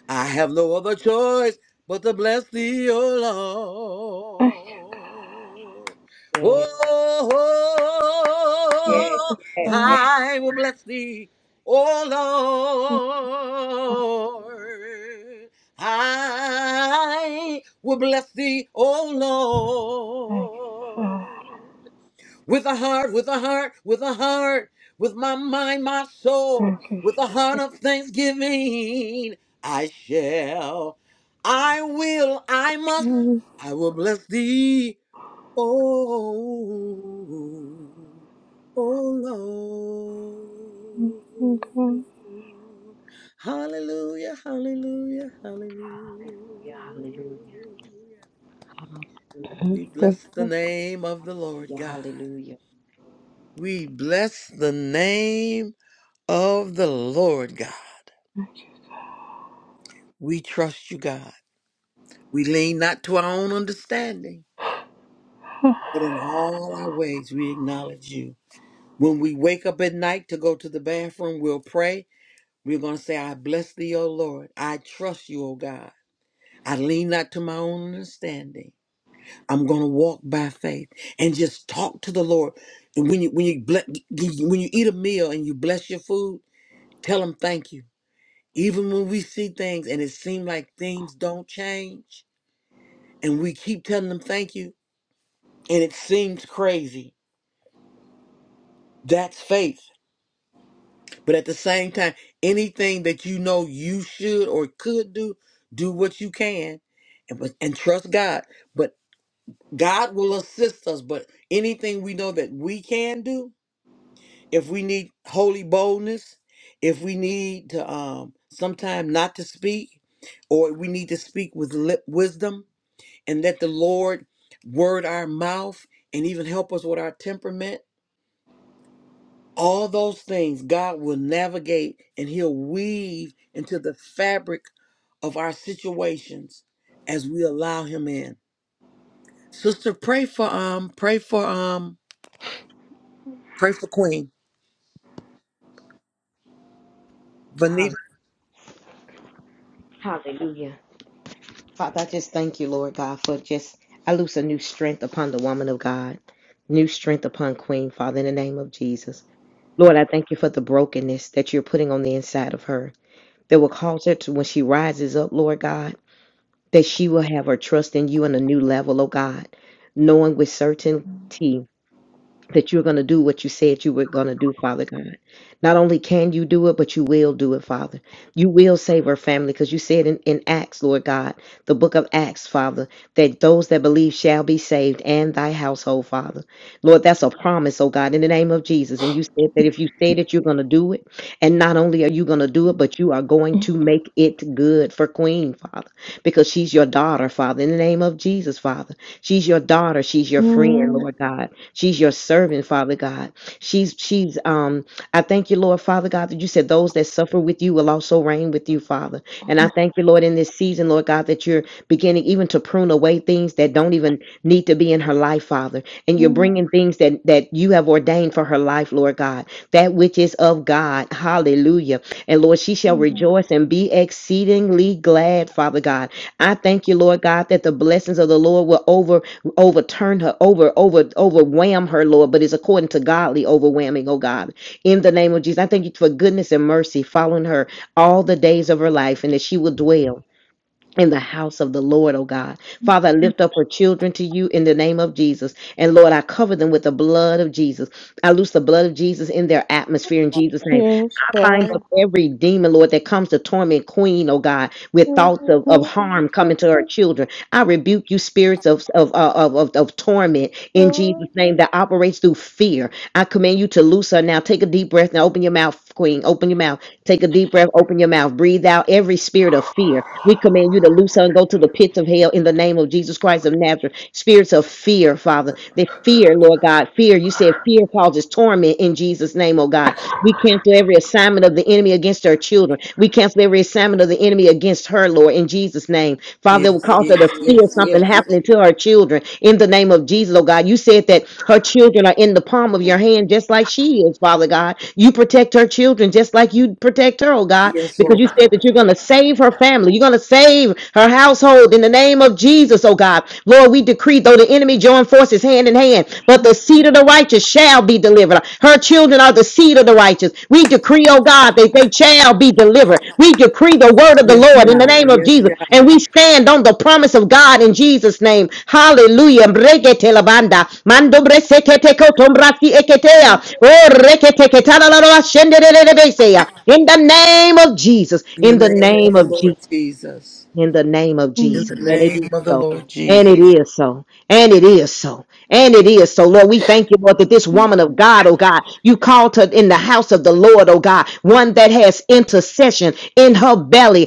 A: I have no other choice but to bless thee, O Lord.
B: yes, yes,
A: Oh,
B: yes. yes.
A: I will bless thee, O Lord. I will bless thee, O
C: God.
A: Lord. With a heart, with a heart, with a heart, with my mind, my soul,
C: Thank you,
A: with a
C: Jesus.
A: heart of thanksgiving, I shall, I will, I must, I will bless thee, oh, oh Lord.
C: Thank you, God.
A: Hallelujah, hallelujah, hallelujah.
B: Hallelujah, hallelujah,
C: Thank
A: We bless the name of the Lord God.
B: hallelujah,
A: We bless the name of the Lord God. We trust you, God. We lean not to our own understanding, but in all our ways we acknowledge you. When we wake up at night to go to the bathroom, we'll pray. We're going to say, I bless thee, O Lord. I trust you, O God. I lean not to my own understanding. I'm going to walk by faith and just talk to the Lord. And when you when you ble- when you eat a meal and you bless your food, tell him thank you. Even when we see things and it seems like things don't change, and we keep telling them thank you, and it seems crazy, that's faith. But at the same time, anything that you know you should or could do, do what you can and, but- and trust God. But God will assist us. But anything we know that we can do, if we need holy boldness, if we need to um, sometime not to speak, or we need to speak with lip wisdom, and let the Lord word our mouth and even help us with our temperament. All those things God will navigate and He'll weave into the fabric of our situations as we allow Him in. Sister, pray for um, pray for um, pray for Queen Vanita.
B: hallelujah, hallelujah. Father, I just thank you, Lord God, for just, I loose a new strength upon the woman of God, new strength upon Queen, Father, in the name of Jesus. Lord, I thank you for the brokenness that you're putting on the inside of her that will cause her to, when she rises up, Lord God, that she will have her trust in you on a new level, oh God, knowing with certainty that you're going to do what you said you were going to do, Father God. Not only can you do it, but you will do it, Father. You will save our family because you said in, in Acts, Lord God, the book of Acts, Father, that those that believe shall be saved and thy household, Father. Lord, that's a promise, oh God, in the name of Jesus. And you said that if you say that you're going to do it, and not only are you going to do it, but you are going to make it good for Queen, Father, because she's your daughter, Father, in the name of Jesus, Father. She's your daughter. She's your friend,
C: you, God.
B: Lord God. She's your servant, Father God. She's she's um I thank you, Lord, Father God, that you said those that suffer with you will also reign with you, Father. And I thank you, Lord, in this season, Lord God, that you're beginning even to prune away things that don't even need to be in her life, Father. And you're bringing things that that you have ordained for her life, Lord God. That which is of God. Hallelujah. And Lord, she shall rejoice and be exceedingly glad, Father God. I thank you, Lord God, that the blessings of the Lord will over overturn her, over, over, overwhelm her, Lord, but it's according to godly overwhelming, oh God. In the name of Jesus, I thank you for goodness and mercy following her all the days of her life and that she will dwell. In the house of the Lord, oh God. Father, I lift up her children to you in the name of Jesus. And Lord, I cover them with the blood of Jesus. I loose the blood of Jesus in their atmosphere in Jesus' name
C: Yes,
B: bind
C: God.
B: up every demon, Lord, that comes to torment Queen, oh God, with thoughts of, of harm coming to our children. I rebuke you, spirits of, of, uh, of, of, of torment in Jesus' name that operates through fear. I command you to loose her now. Take a deep breath now. Open your mouth, Queen. Open your mouth. Take a deep breath. Open your mouth. Breathe out every spirit of fear. We command you to loose her and go to the pits of hell in the name of Jesus Christ of Nazareth. Spirits of fear, Father. They fear, Lord God. Fear. You said fear causes torment in Jesus' name, oh God. We cancel every assignment of the enemy against our children. We cancel every assignment of the enemy against her, Lord. Lord, in Jesus' name. Father, it will
A: Yes,
B: cause her to
A: yes, yes,
B: feel something
A: yes,
B: happening to her children in the name of Jesus, oh God. You said that her children are in the palm of your hand just like she is, Father God. You protect her children just like you protect her, oh God,
A: yes,
B: because you
A: Lord.
B: said that you're going to save her family. You're going to save her household in the name of Jesus, oh God. Lord, we decree, though the enemy join forces hand in hand, but the seed of the righteous righteous shall be delivered. Her children are the seed of the righteous. We decree, oh God, that they shall be delivered. We decree the word of the
A: Yes,
B: Lord in the
A: God.
B: name of
A: Yes,
B: Jesus.
A: God.
B: And we stand on the promise of God in Jesus' name. Hallelujah.
C: Yes,
B: Oh, In the name of Jesus.
A: In
B: In the
A: the name of
B: name
A: the
B: of Jesus
A: Lord Jesus.
B: in the name of
A: In the
B: Jesus.
C: God.
B: And it
A: name
B: is
A: of the
B: so.
A: Lord
B: And
A: Jesus.
B: it is so. And it is so. And it is so. Lord, we thank you, Lord, that this woman of God, oh God, you called her in the house of the Lord, oh God, one that has intercession in her belly.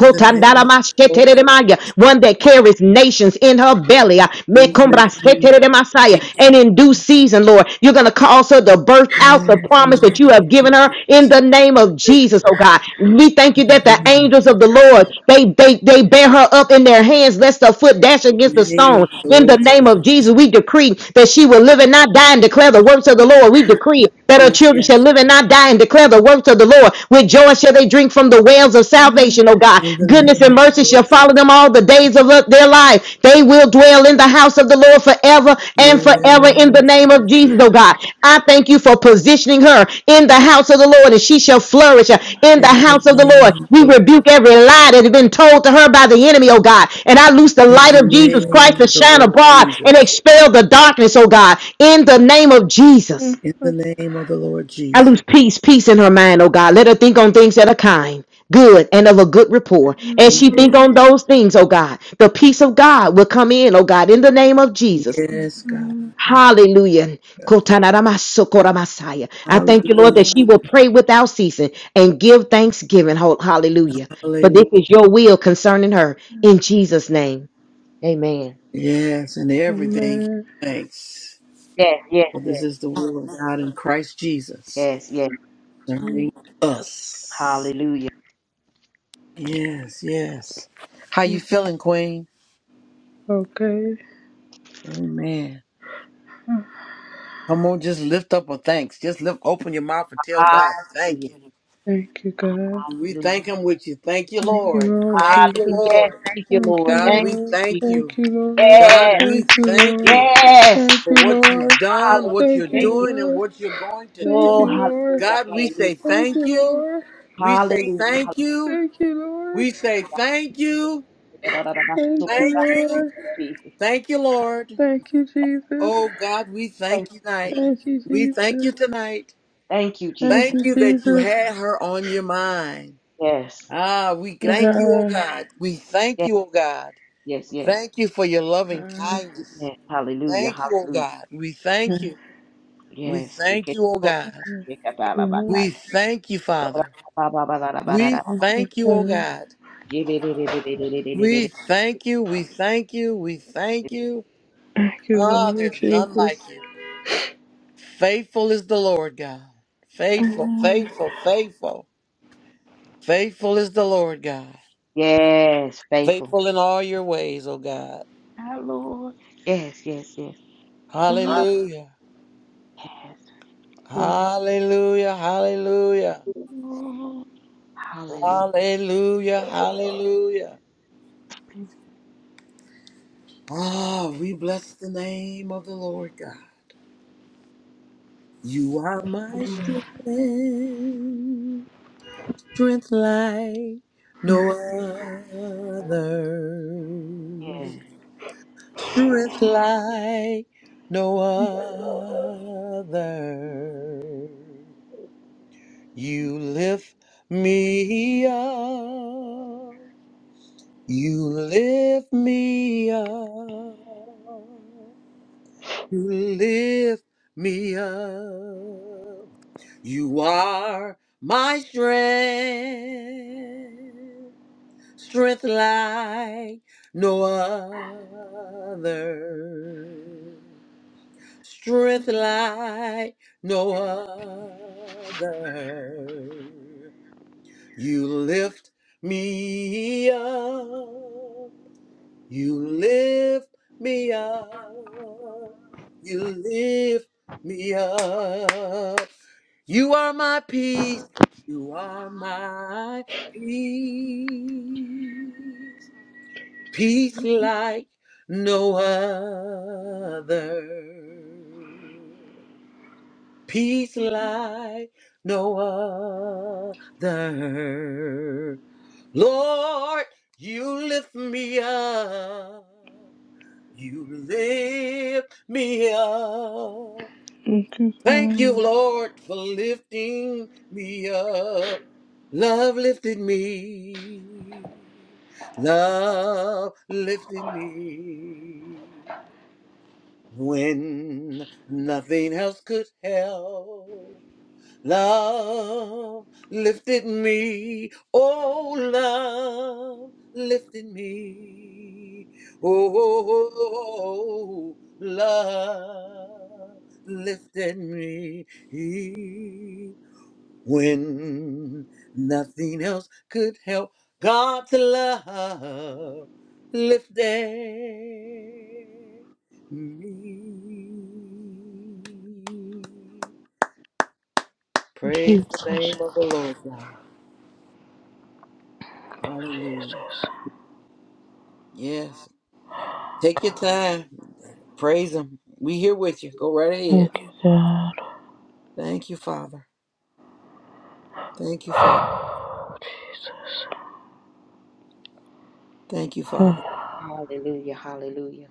A: In the name of the Lord.
B: One that carries nations in her belly. Ah,
A: In the name of
B: mekombraseteremasaya. And
A: Jesus.
B: in due season, Lord, you're going to cause her to birth out the
A: In the
B: promise voice
A: name
B: that
A: of
B: you have given her
A: the
B: in the name of Jesus, oh God. We thank you that the
A: name,
B: angels of the Lord, they, they, they bear her up in their hands, lest her foot dash against the
A: name
B: stone.
A: of the
B: In the
A: Lord
B: name
A: Jesus.
B: of Jesus, we decree that she will live and not die and declare the works of the Lord. We decree that her
A: Yes,
B: children shall
A: yes.
B: live and not die and declare the works of the Lord. With joy shall they drink from the wells of
C: Amen.
B: salvation, oh God.
A: In the
B: Goodness and
A: name of
B: mercy
A: the Lord
B: shall follow
A: Jesus.
B: them all all the days of their life. They will dwell in the house of the Lord forever and forever in the
A: Yes,
B: name of Jesus,
A: yes.
B: oh God. I thank you for positioning her in the house of the Lord and she shall flourish in the
A: In the
B: house of the
A: name
B: Lord.
A: of
B: We
A: the Lord.
B: rebuke every lie that has been told to her by the enemy, oh God. And I loose the
A: In
B: light of
A: the
B: Jesus
A: name
B: Christ to
A: of the
B: shine
A: Lord
B: abroad and
A: Jesus.
B: expel the darkness, oh God, in the name of Jesus.
A: In the name of the Lord
B: I
A: Jesus.
B: lose peace, peace in her mind, oh God. Let her think on things that are kind, good, and of a good rapport. As
A: Yes,
B: she think on those things, oh God, the peace of God will come in, oh God, in the name of Jesus.
A: yes, God. Yes,
B: Hallelujah.
A: God.
B: Kotanaramasokoramasaya. I thank you, Lord,
A: Hallelujah.
B: that she will pray without ceasing and give thanksgiving. Ho- Hallelujah. For
A: Hallelujah.
B: this is your will concerning her. In Jesus' name. Amen.
A: Yes, and everything. give Thanks.
B: Yes, yes,
A: For this
B: yes.
A: is the will of God in Christ Jesus.
B: Yes, yes.
A: Concerning us.
B: Hallelujah.
A: Yes, yes. How you feeling, Queen?
C: Okay.
A: Amen. Come on, just lift up a thanks. Just lift, open your mouth and tell God, thank
B: Hallelujah.
A: you.
C: Thank you, God.
A: We thank Him with you. Thank you,
C: Thank you,
A: Lord.
C: Lord
A: Thank you,
B: Hallelujah.
C: Jesus.
B: Yes.
A: Lord.
B: Thank you,
C: Thank
B: Lord.
C: you,
A: God,
B: Thank
A: we
C: Lord.
B: you.
A: thank
C: Thank
A: you.
C: you, Lord.
A: God,
B: Yes.
A: we
C: Thank you,
A: thank
C: Lord.
A: you
B: Yes.
C: Thank
A: for
C: you,
A: what you've
C: Lord.
A: done, what you're
B: Hallelujah.
C: Thank you,
B: Thank you.
A: doing, and
C: Lord.
A: what you're going to
C: Thank you, Lord. Thank
B: Lord.
A: do.
C: you,
B: hall-
C: Lord.
A: God, we say
C: Thank
A: thank
C: you,
A: you.
C: Lord.
A: We say
B: hallelujah.
A: thank you.
C: Thank
A: We say thank you.
B: Da, da, da, da. So, oh,
C: you,
B: God,
A: Thank you.
C: Lord.
A: Thank you, Lord.
C: Thank you, Jesus.
A: Oh God, we
B: Thank
A: thank you tonight.
C: Thank you,
A: We thank you
C: Jesus.
A: tonight.
B: you,
C: Thank
B: Jesus.
C: you,
A: Thank you that you
C: Jesus.
A: had her on your mind.
B: Yes.
A: Ah, we thank you, oh
C: God.
A: God. We thank
B: Yes.
A: you, oh God.
B: Yes. Yes.
A: Thank you for your loving kindness.
B: Yes. Hallelujah.
A: Thank you, oh
B: Hallelujah.
A: God. We thank
C: Thank
A: you. We
B: Yes.
A: thank you, oh
B: Yes.
A: God.
C: you,
A: We thank you, Father. We
C: Thank you,
A: thank you, oh
C: God.
A: God. We thank you. We thank you. We thank you.
C: Thank you,
A: Ah,
C: Lord
A: there's none
C: Jesus.
A: like you. Faithful is the Lord God. Faithful,
C: Amen.
A: faithful, faithful. Faithful is the Lord God.
B: Yes, faithful.
A: Faithful in all your ways, O God.
B: My Lord. Yes, yes, yes. Thank
A: Hallelujah.
B: yes.
A: Hallelujah. Hallelujah.
B: Hallelujah.
A: Hallelujah. Hallelujah. Ah, we bless the name of the Lord God. You are my strength, strength like no other. Strength like no other. You lift me up. You lift me up. You lift me up. You are my strength. Strength like no other. Strength like no other. You lift me up. You lift me up. You lift me up. You are my peace. You are my peace. Peace like no other. Peace like no other. Lord, you lift me up. You lift me up.
C: Thank you,
A: Thank you,
C: God.
A: Lord, for lifting me up. Love lifted me. Love lifted me. When nothing else could help. Love lifted me. Oh, love lifted me. Oh, oh, oh, oh, love lifted me. When nothing else could help, God's love lifted me. Praise the name
C: Jesus.
A: of the Lord God.
C: Thank you,
A: Hallelujah.
C: Jesus.
A: Yes. Take your time. Praise Him. We here with you. Go right ahead.
C: Thank you, God.
A: Thank you, Father. Thank you, Father.
C: *sighs* Jesus.
A: Thank you, Father.
C: Ah. *laughs*
B: Hallelujah. Hallelujah.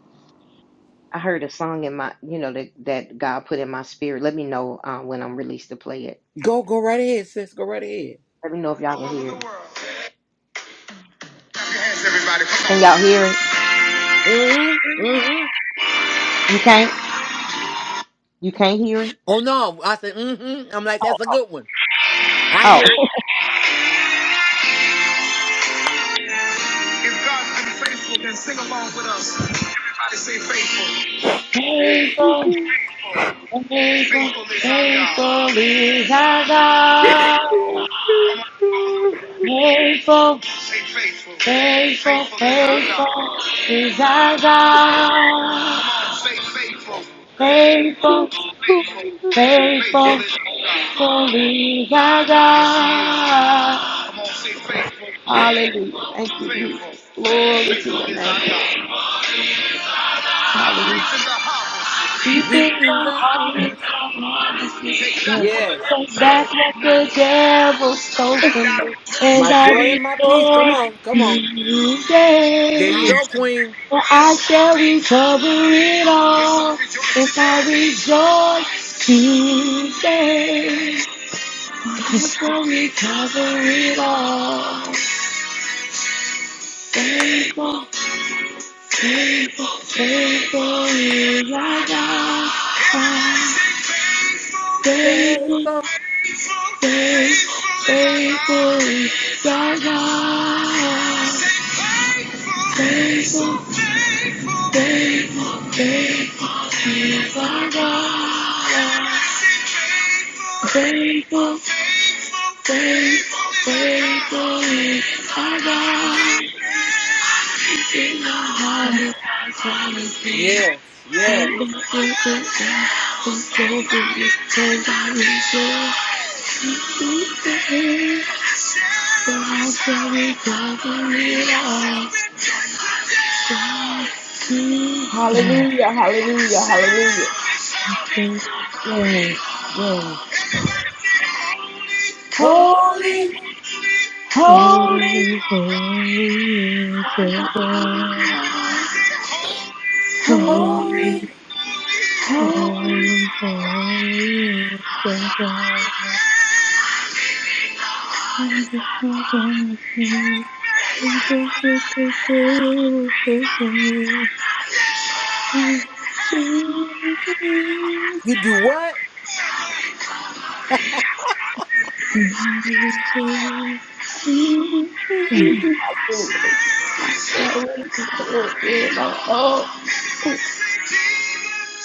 B: I heard a song in my, you know, that, that God put in my spirit. Let me know uh, when I'm released to play it.
A: Go, go right ahead, sis. Go right ahead.
B: Let me know if y'all can hear it. Can y'all hear it?
A: Mm-hmm. Mm-hmm.
B: You can't? You can't hear it?
A: Oh no. I said, mm-hmm. I'm like, that's a good one. I
B: Oh.
A: hear it.
B: If God's been faithful, then sing along with us. Everybody say faithful. Faithful, faithful, Faithful is our God. faithful is our God. Come on, come on. Faithful, Say faithful. faithful, Faithful is our God. faithful is our Come God. on, say faithful. Faithful,
C: Yes, Lord.
B: faithful, faithful is our God. Hallelujah. Thank you, Jesus. Glory to your name, Lord. Hallelujah. Reaping the
A: Reaping the harvest.
B: harvest of lawlessness.
A: Yes.
B: Take that's what the devil stole from me. And
A: My
B: I
A: joy and my peace. Come
B: rejoice
A: on. Come on. There you
B: today.
A: go, Queen.
B: For I shall recover it all if I rejoice today. I shall recover it all. Thankful Faithful, faithful is our God. Faithful,
A: Faithful.
B: faithful, faithful is our God. Faithful, faithful, faithful is our God.
C: Ah,
B: Faithful, faithful, faithful is our God. King of Harvey, I promise me.
A: Yes. Yes.
B: Take my flippin' down. I'm so free, turned on me, so. So I'm sorry, it up. Mm,
C: Ah.
B: Hallelujah, hallelujah, hallelujah.
C: Jesus.
B: Yes.
A: Holy.
B: Holy, holy.
C: Holy, holy is your God. Holy
B: Holy,
A: Holy.
B: holy,
C: Holy, holy is the God. Wonderful promise me. And that was the devil so far. I'm still there.
A: You do what?
C: And I will
B: oh,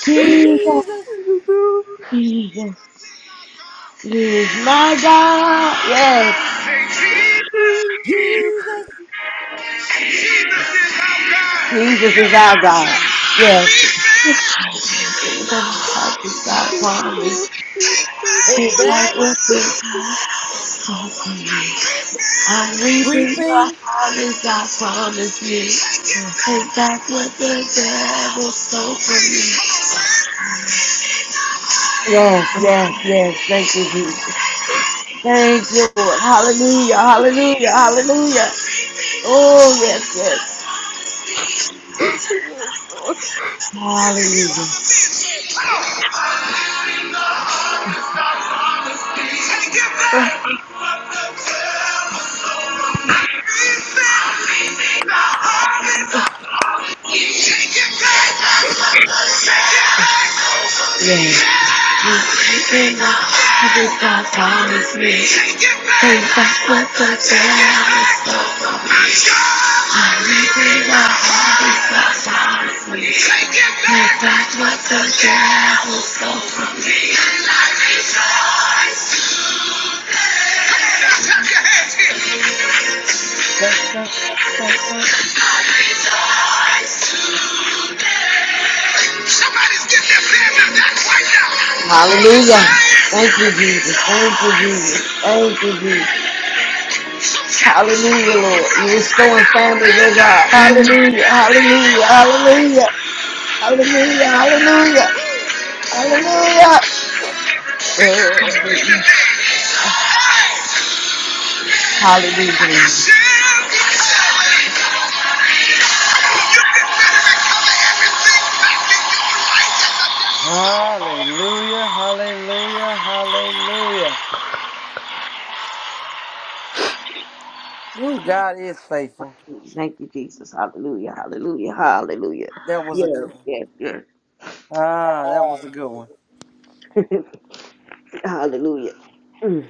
B: Jesus,
A: Jesus,
C: go.
B: Jesus is my God. Yes,
A: Jesus,
B: Jesus is our God. Yes, Jesus is our God. We take
A: take
B: back
A: back,
B: what we got. call on me. I'm weeping my
A: reaping.
B: heart is out from this me. And that's what the devil stole from me. Yes, yes, yes. Thank you, Jesus. Thank you, Lord. Hallelujah, hallelujah, hallelujah. Oh, yes, yes.
C: Yes, Lord.
B: Hallelujah.
C: Ah,
B: Yes. Every God promised me. Take back what the devil stole from me. I'm living up Every God promised me. Take back what the devil stole from me.
A: Dun, dun, dun, dun.
B: Somebody's getting their family back right now. Hallelujah. Thank you.
C: ah,
B: can better recover everything back in your righteousness.
A: Hallelujah, hallelujah, hallelujah. Ooh, God is faithful.
B: Thank you, Jesus. Hallelujah. Hallelujah. Hallelujah.
A: That was a good
B: Yes,
A: one.
B: yes, yes.
A: Ah, that was a good one.
B: *laughs* hallelujah. Mm.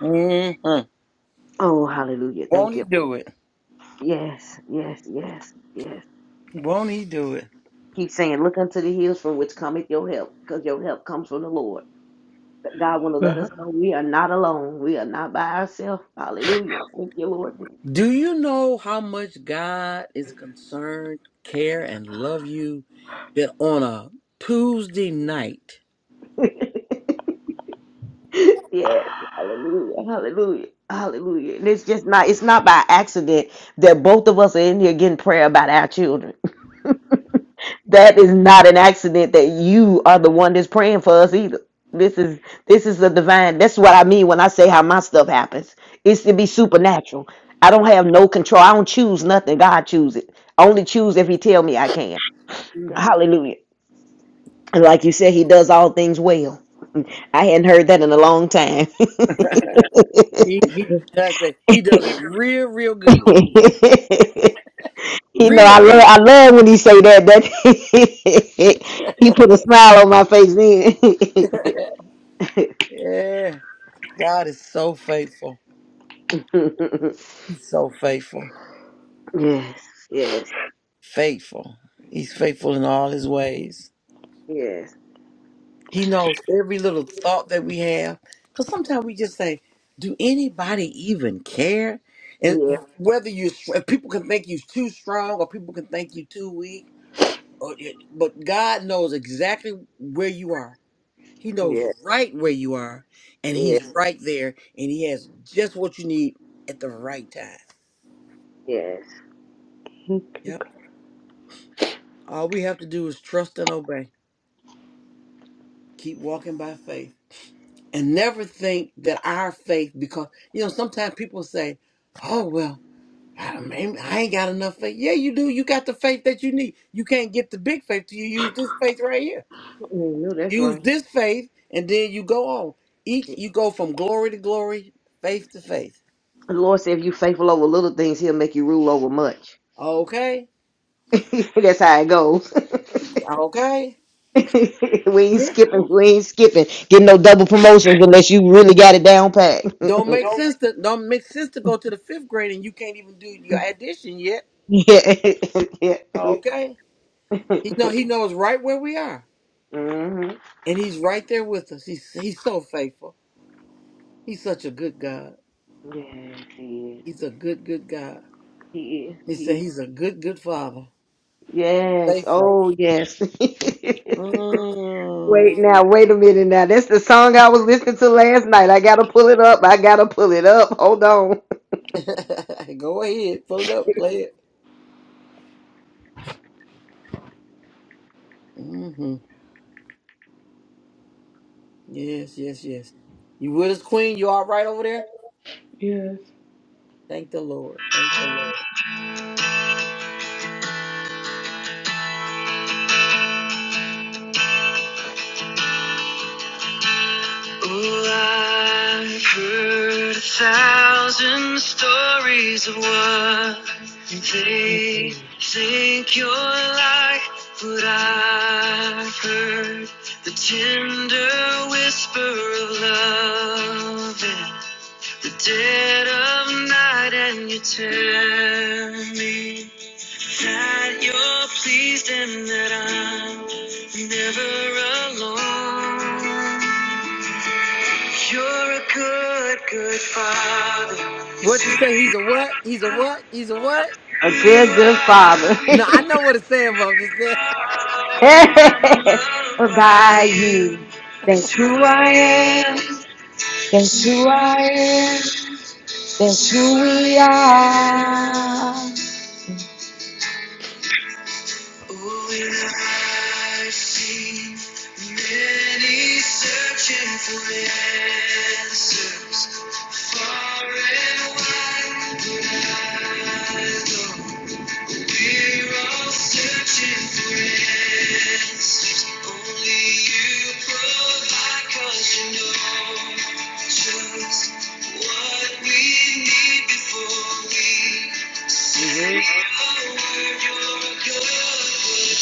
A: hmm
B: Oh, hallelujah.
A: Won't
B: Thank you.
A: he do it?
B: Yes, yes, yes, yes.
A: Won't he do it?
B: Keep saying, look unto the hills from which cometh your help, because your help comes from the Lord. But God want to let us know we are not alone. We are not by ourselves. Hallelujah. Thank you, Lord.
A: Do you know how much God is concerned, care, and love you that on a Tuesday night,
B: *laughs* *laughs* Yes, hallelujah, hallelujah, hallelujah. And it's just not, it's not by accident that both of us are in here getting prayer about our children. *laughs* That is not an accident that you are the one that's praying for us either. This is this is a divine. That's what I mean when I say how my stuff happens. It's to be supernatural. I don't have no control. I don't choose nothing. God choose it. I only choose if He tell me I can. Hallelujah. And like you said, He does all things well. I hadn't heard that in a long time. *laughs*
A: He he does
C: ah,
A: it. He does it real, real
B: *laughs*
A: good.
B: you know, I
A: Real
B: love
A: good.
B: I love when he say that. That *laughs* he put a smile on my face then.
A: Yeah. God is so faithful.
B: *laughs*
A: He's so faithful.
B: yes, yes, yes,
A: Faithful. He's faithful in all his ways. He knows every little thought that we have. Because sometimes we just say, Do anybody even care? And
B: yes,
A: whether you people can think you too strong or people can think you too weak. Or, eh, but God knows exactly where you are He knows
B: yes,
A: right where you are, and
B: yes,
A: he's Mhm. right there, and he has just what you need at the right time.
B: yes.
C: ah.
A: Yep. All we have to do is trust and obey. Keep walking by faith. And never think that our faith, because you know, sometimes people say, Oh, well, I don't mean I ain't got enough faith. Yeah, you do. You got the faith that you need. You can't get the big faith till you use this faith right here.
B: You know that's
A: Use
B: right.
A: this faith, and then you go on. Each
B: The
A: you go from glory to glory, faith to faith.
B: Lord said, if you faithful over little things, He'll make you rule over much.
A: Okay?
B: *laughs* that's how it goes.
A: Okay?
B: *laughs* we ain't
A: Yeah.
B: skipping. We ain't skipping. Getting no double promotions unless you really got it down pat.
A: Don't make sense to don't make sense to go to the fifth grade and you can't even do your addition yet.
B: *laughs* yeah, *laughs* yeah.
A: Okay.
B: *laughs*
A: He know he knows right where we are.
B: hmm
A: And he's right there with us. He's he's so faithful. He's such a good God.
B: Yes, he is.
A: He's a good, good God.
B: He is.
A: He said
B: He is.
A: he's a good, good father.
B: Yes.
A: Faithful.
B: Oh, yes. *laughs*
A: Mm.
B: Wait now, wait a minute now. That's the song I was listening to last night. I gotta pull it up. I gotta pull it up. Hold on. *laughs*
A: *laughs* go ahead. Pull it up. Play it. hmm Yes, yes, yes. You with us, Queen? You all right over there?
C: Yes.
A: Thank the Lord. Thank the Lord.
C: Mm.
A: What you say? He's a what? He's a what? He's a what?
B: A good, good father.
A: No, I know what it's saying, but I'm just saying.
B: *laughs* By you. That's who I That's who I Oh, and I've seen many searching for answers far and wide, but I don't. We're all searching for answers. Only you provide 'cause you know just what we need before we
A: *laughs*
B: say
A: hmm
B: a word. You're a good, good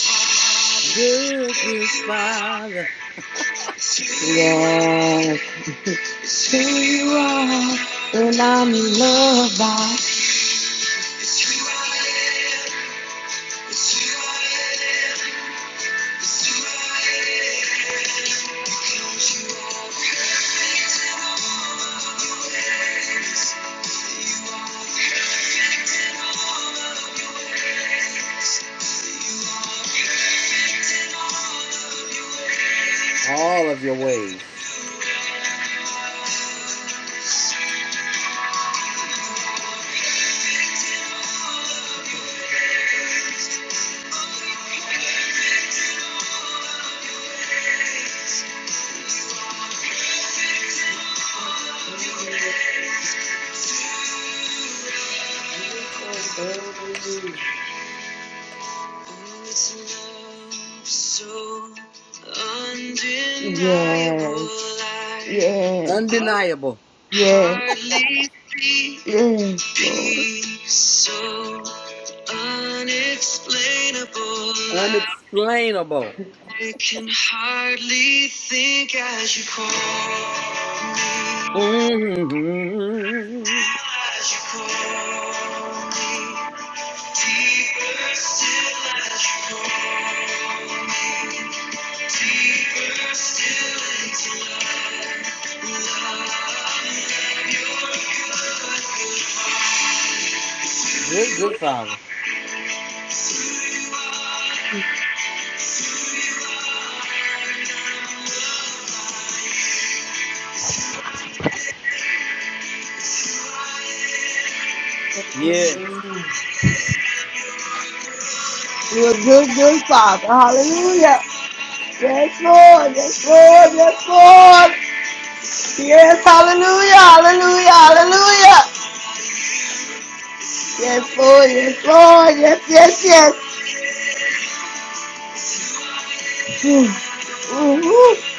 A: Good,
B: father.
A: good
B: Who you are.
A: Father.
B: Yes. It's who you are. And I'm loved by. It's who I am. It's who I am. Thank
A: All of your ways.
B: you. Yes.
A: Undeniable.
B: Yes. Yes. Yes, Lord. So unexplainable.
A: Unexplainable.
B: I can hardly think as you call me,
A: hmm
B: as you call me, deeper still as you call me, deeper still into love.
A: Good, good Father. Yes,
B: Your good, good, do you are, do you are, and I'm loved by you. You're a good, good father. Hallelujah. Yes, Lord. Yes, Lord. Yes, Lord. Yes, hallelujah. Hallelujah. Hallelujah. Yes, Lord. Yes, Lord. Yes, yes, yes. Mm, mm, mm.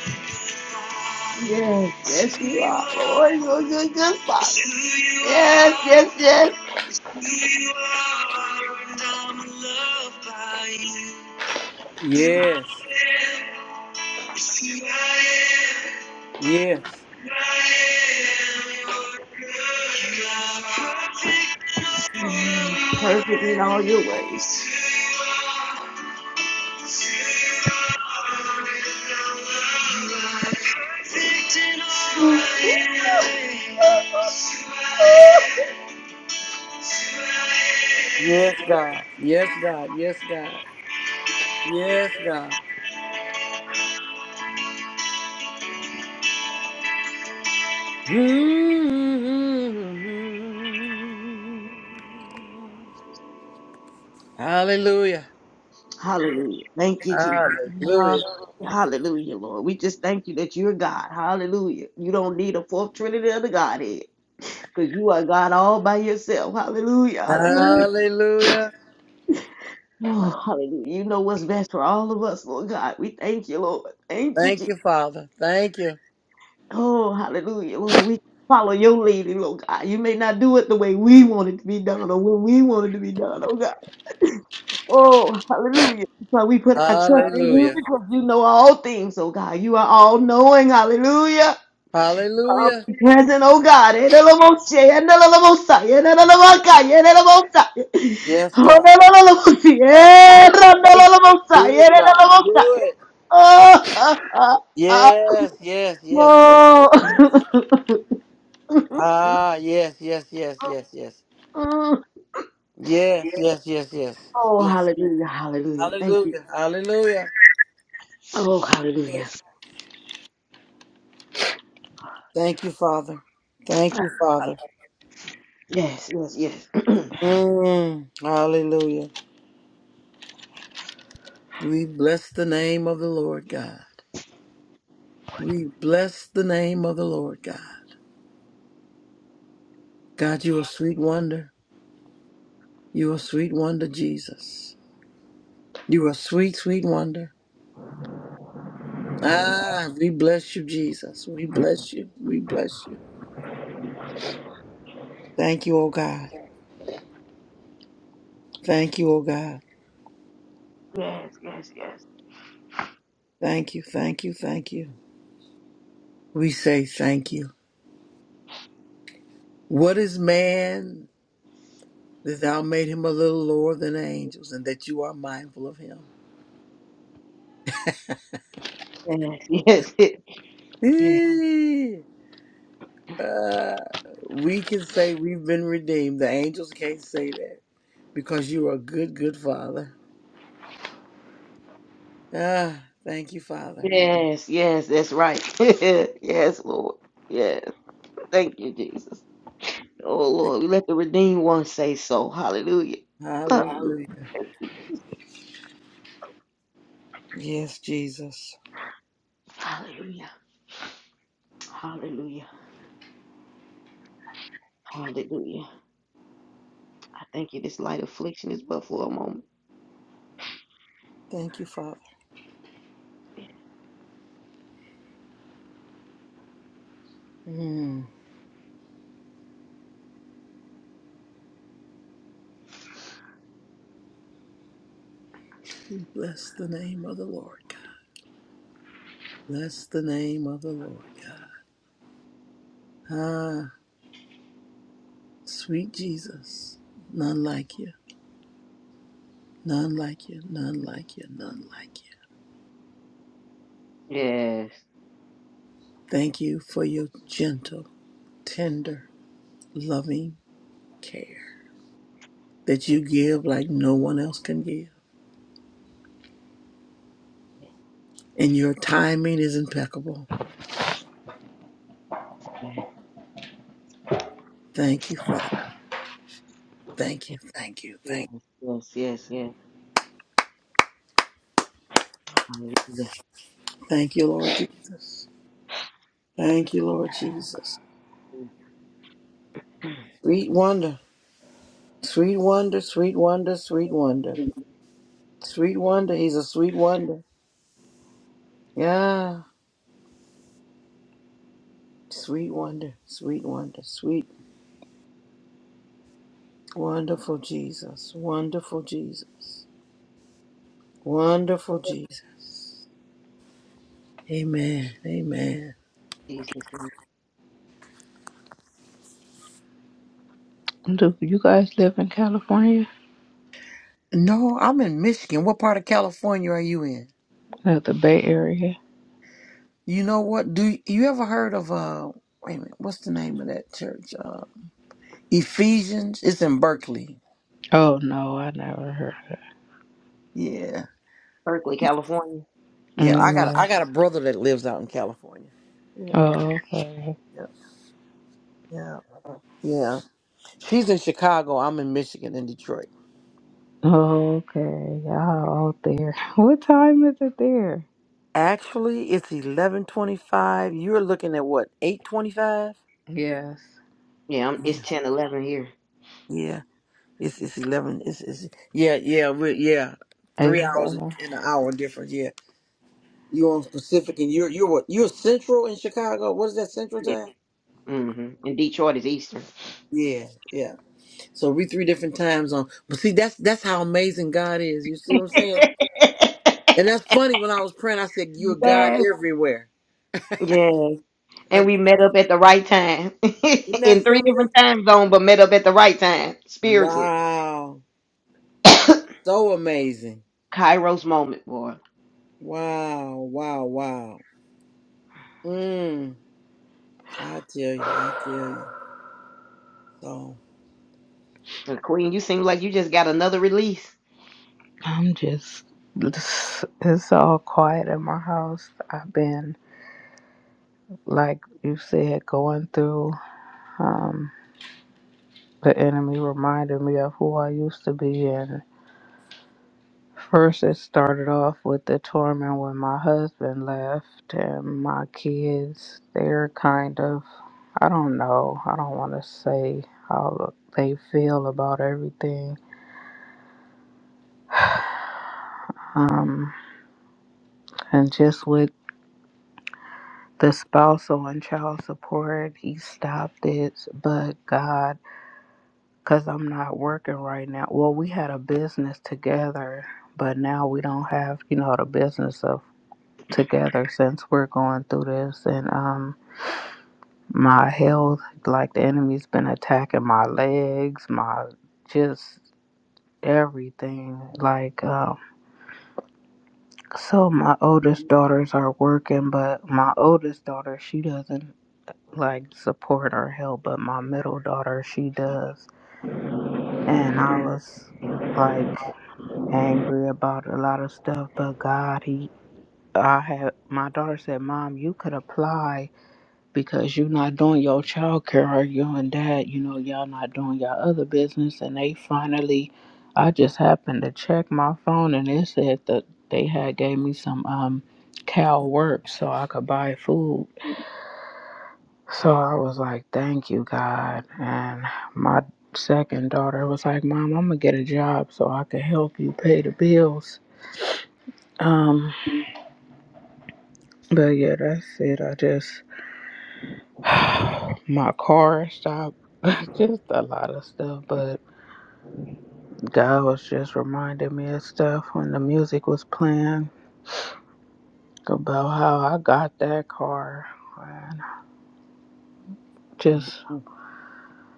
B: Yes, yes, you are, Lord. You're a good, good Father. Yes, yes, yes. You are, and I'm loved by you. I
A: yes,
B: am, yes, I am.
A: yes.
B: Perfect in all your ways.
A: Yes, God. Yes, God. Yes, God. Yes, God. hmm Hallelujah.
B: Hallelujah. Thank you, Jesus.
A: Hallelujah.
B: Hallelujah, Lord. We just thank you that you're God. Hallelujah. You don't need a fourth trinity of the Godhead. Because you are God all by yourself. Hallelujah. Hallelujah.
A: Hallelujah.
B: Oh, hallelujah. You know what's best for all of us, Lord God. We thank you, Lord. Thank you,
A: Thank
B: Jesus.
A: you, Father. Thank you.
B: Oh, hallelujah, Lord. We follow your leading, Lord God. You may not do it the way we want it to be done or when we want it to be done, oh God. *laughs* Oh, hallelujah. But we put our trust in you
A: Hallelujah.
B: because you know all things, oh God. You are all knowing. Hallelujah. Um,
A: Hallelujah.
B: Present, oh God, Edelomoshe, Edelomosa, Edelomaka, Edelomosa,
A: Yes, God.
B: Hodelolomosi,
A: Have thine own way, God.
B: Edelolomosa, Edelomosa. Oh, the Lamosi, and the Lamosa,
A: Do it,
B: and the
A: God.
B: Lamosa.
A: Do it.
B: Oh, ah, ah, ah.
A: Yes, yes, yes, yes, yes, yes.
B: oh. *laughs*
A: Ah, yes, yes, yes, yes, yes.
B: Mm.
A: Yes, yes, yes, yes.
B: Oh,
A: Yes.
B: hallelujah, hallelujah. Thank you.
A: Hallelujah. Hallelujah.
B: Oh, hallelujah.
A: Thank you, Father. Thank you, Father.
B: Yes, yes, yes. *clears throat* yes,
A: Mm, hallelujah. We bless the name of the Lord God. We bless the name of the Lord God. God, you are sweet wonder. You are sweet wonder, Jesus. You are sweet, sweet wonder. Ah, we bless you, Jesus. We bless you. We bless you. Thank you, O God. Thank you, O God. Thank you, thank you, thank you. We say thank you. What is man that thou made him a little lower than angels and that you are mindful of him?
B: yes, yes.
A: Eh, ah, we can say we've been redeemed. The angels can't say that because you are a good, good father. Ah, thank you, Father.
B: Yes, yes, that's right. *laughs* yes, Lord. Yes. Thank you, Jesus. Oh Lord, let the redeemed one say so. Hallelujah.
A: Hallelujah.
B: Hallelujah.
A: Yes, Jesus.
B: Hallelujah. Hallelujah. Hallelujah. I thank you. This light affliction is but for a moment.
A: Thank you, Father. Mm. We Bless the name of the Lord God. Bless the name of the Lord God. Ah, sweet Jesus. None like you. None like you. None like you. None like you.
B: Yes.
A: Thank you for your gentle, tender, loving care that
B: Yes.
A: you give like no one else can give. And your timing is impeccable.
B: Yes.
A: Thank you, Father. Thank you. Thank you. Thank you.
B: Yes. Yes. yes. Hallelujah.
A: Thank you, Lord Jesus. Thank you, Lord Jesus. Sweet wonder, sweet wonder, sweet wonder, sweet wonder. Sweet wonder, he's a sweet wonder. Yeah, sweet wonder, sweet wonder, sweet, wonderful Jesus, wonderful Jesus, wonderful Jesus. Amen, amen.
B: Jesus.
C: Do you guys live in California?
A: No, I'm in Michigan. What part of California are you in?
C: Like the Bay Area?
A: You know what? Do you, you ever heard of, uh, wait a minute, what's the name of that church? Uh, Ephesians, it's in Berkeley.
C: Oh no, I never heard.
A: Yeah,
B: Berkeley, California.
C: Of
A: Yeah, I
C: it.
A: got
C: No.
A: I got a brother that lives out in California. Yeah,
C: Oh okay.
A: yeah, yeah, yeah. She's in Chicago. I'm in Michigan, in Detroit.
C: Oh, Okay. Y'all out there. *laughs* What time is it there?
A: Actually, it's eleven twenty-five. You're looking at what eight twenty-five?
C: Yes.
B: Yeah, I'm, it's ten eleven here.
A: Yeah, it's it's eleven. It's, it's yeah, yeah, we yeah.
C: Eight
A: Three hours and
C: eleven.
A: and an hour difference. Yeah, you're on Pacific, and you're you're what you're Central in Chicago. What is that Central
B: Yeah.
A: time?
B: hmm And Detroit is Eastern.
A: Yeah, yeah. So we three different time zones. But see, that's that's how amazing God is. You see what I'm saying?
B: *laughs*
A: And that's funny. When I was praying, I said, "You're God
B: Yes.
A: everywhere."
B: Yes,
A: Uh,
B: and we met up at the right time *laughs*
A: isn't that
B: in three different
A: something?
B: time zones, but met up at the right time spiritually.
A: Wow,
B: *coughs*
A: so amazing!
B: Kairos moment, boy.
A: Wow, wow, wow. Mm, I tell you, I tell you.
C: *sighs*
A: So,
B: And Queen, you seem like you just got another release.
C: I'm just, it's, it's all quiet in my house. I've been, like you said, going through, um, the enemy reminded me of who I used to be. And first, it started off with the torment when my husband left and my kids. They're kind of, I don't know, I don't want to say how they feel about everything. Um, and just with the spousal and child support he stopped it but god because i'm not working right now well we had a business together but now we don't have you know the business of together since we're going through this and um my health like the enemy's been attacking my legs my just everything like um so my oldest daughters are working but my oldest daughter she doesn't like support or help, but my middle daughter, she does. And I was like angry about a lot of stuff, but God, he I had my daughter said, Mom, you could apply because you're not doing your child care or you and dad, you know, y'all not doing your other business and they finally I just happened to check my phone and it said that they had gave me some um cow work so I could buy food So I was like, thank you, God. And my second daughter was like, Mom, I'm gonna get a job so I can help you pay the bills. Um, but yeah, that's it. I just my car stopped. *laughs* just a lot of stuff, but God was just reminding me of stuff when the music was playing about how I got that car and just
A: mm,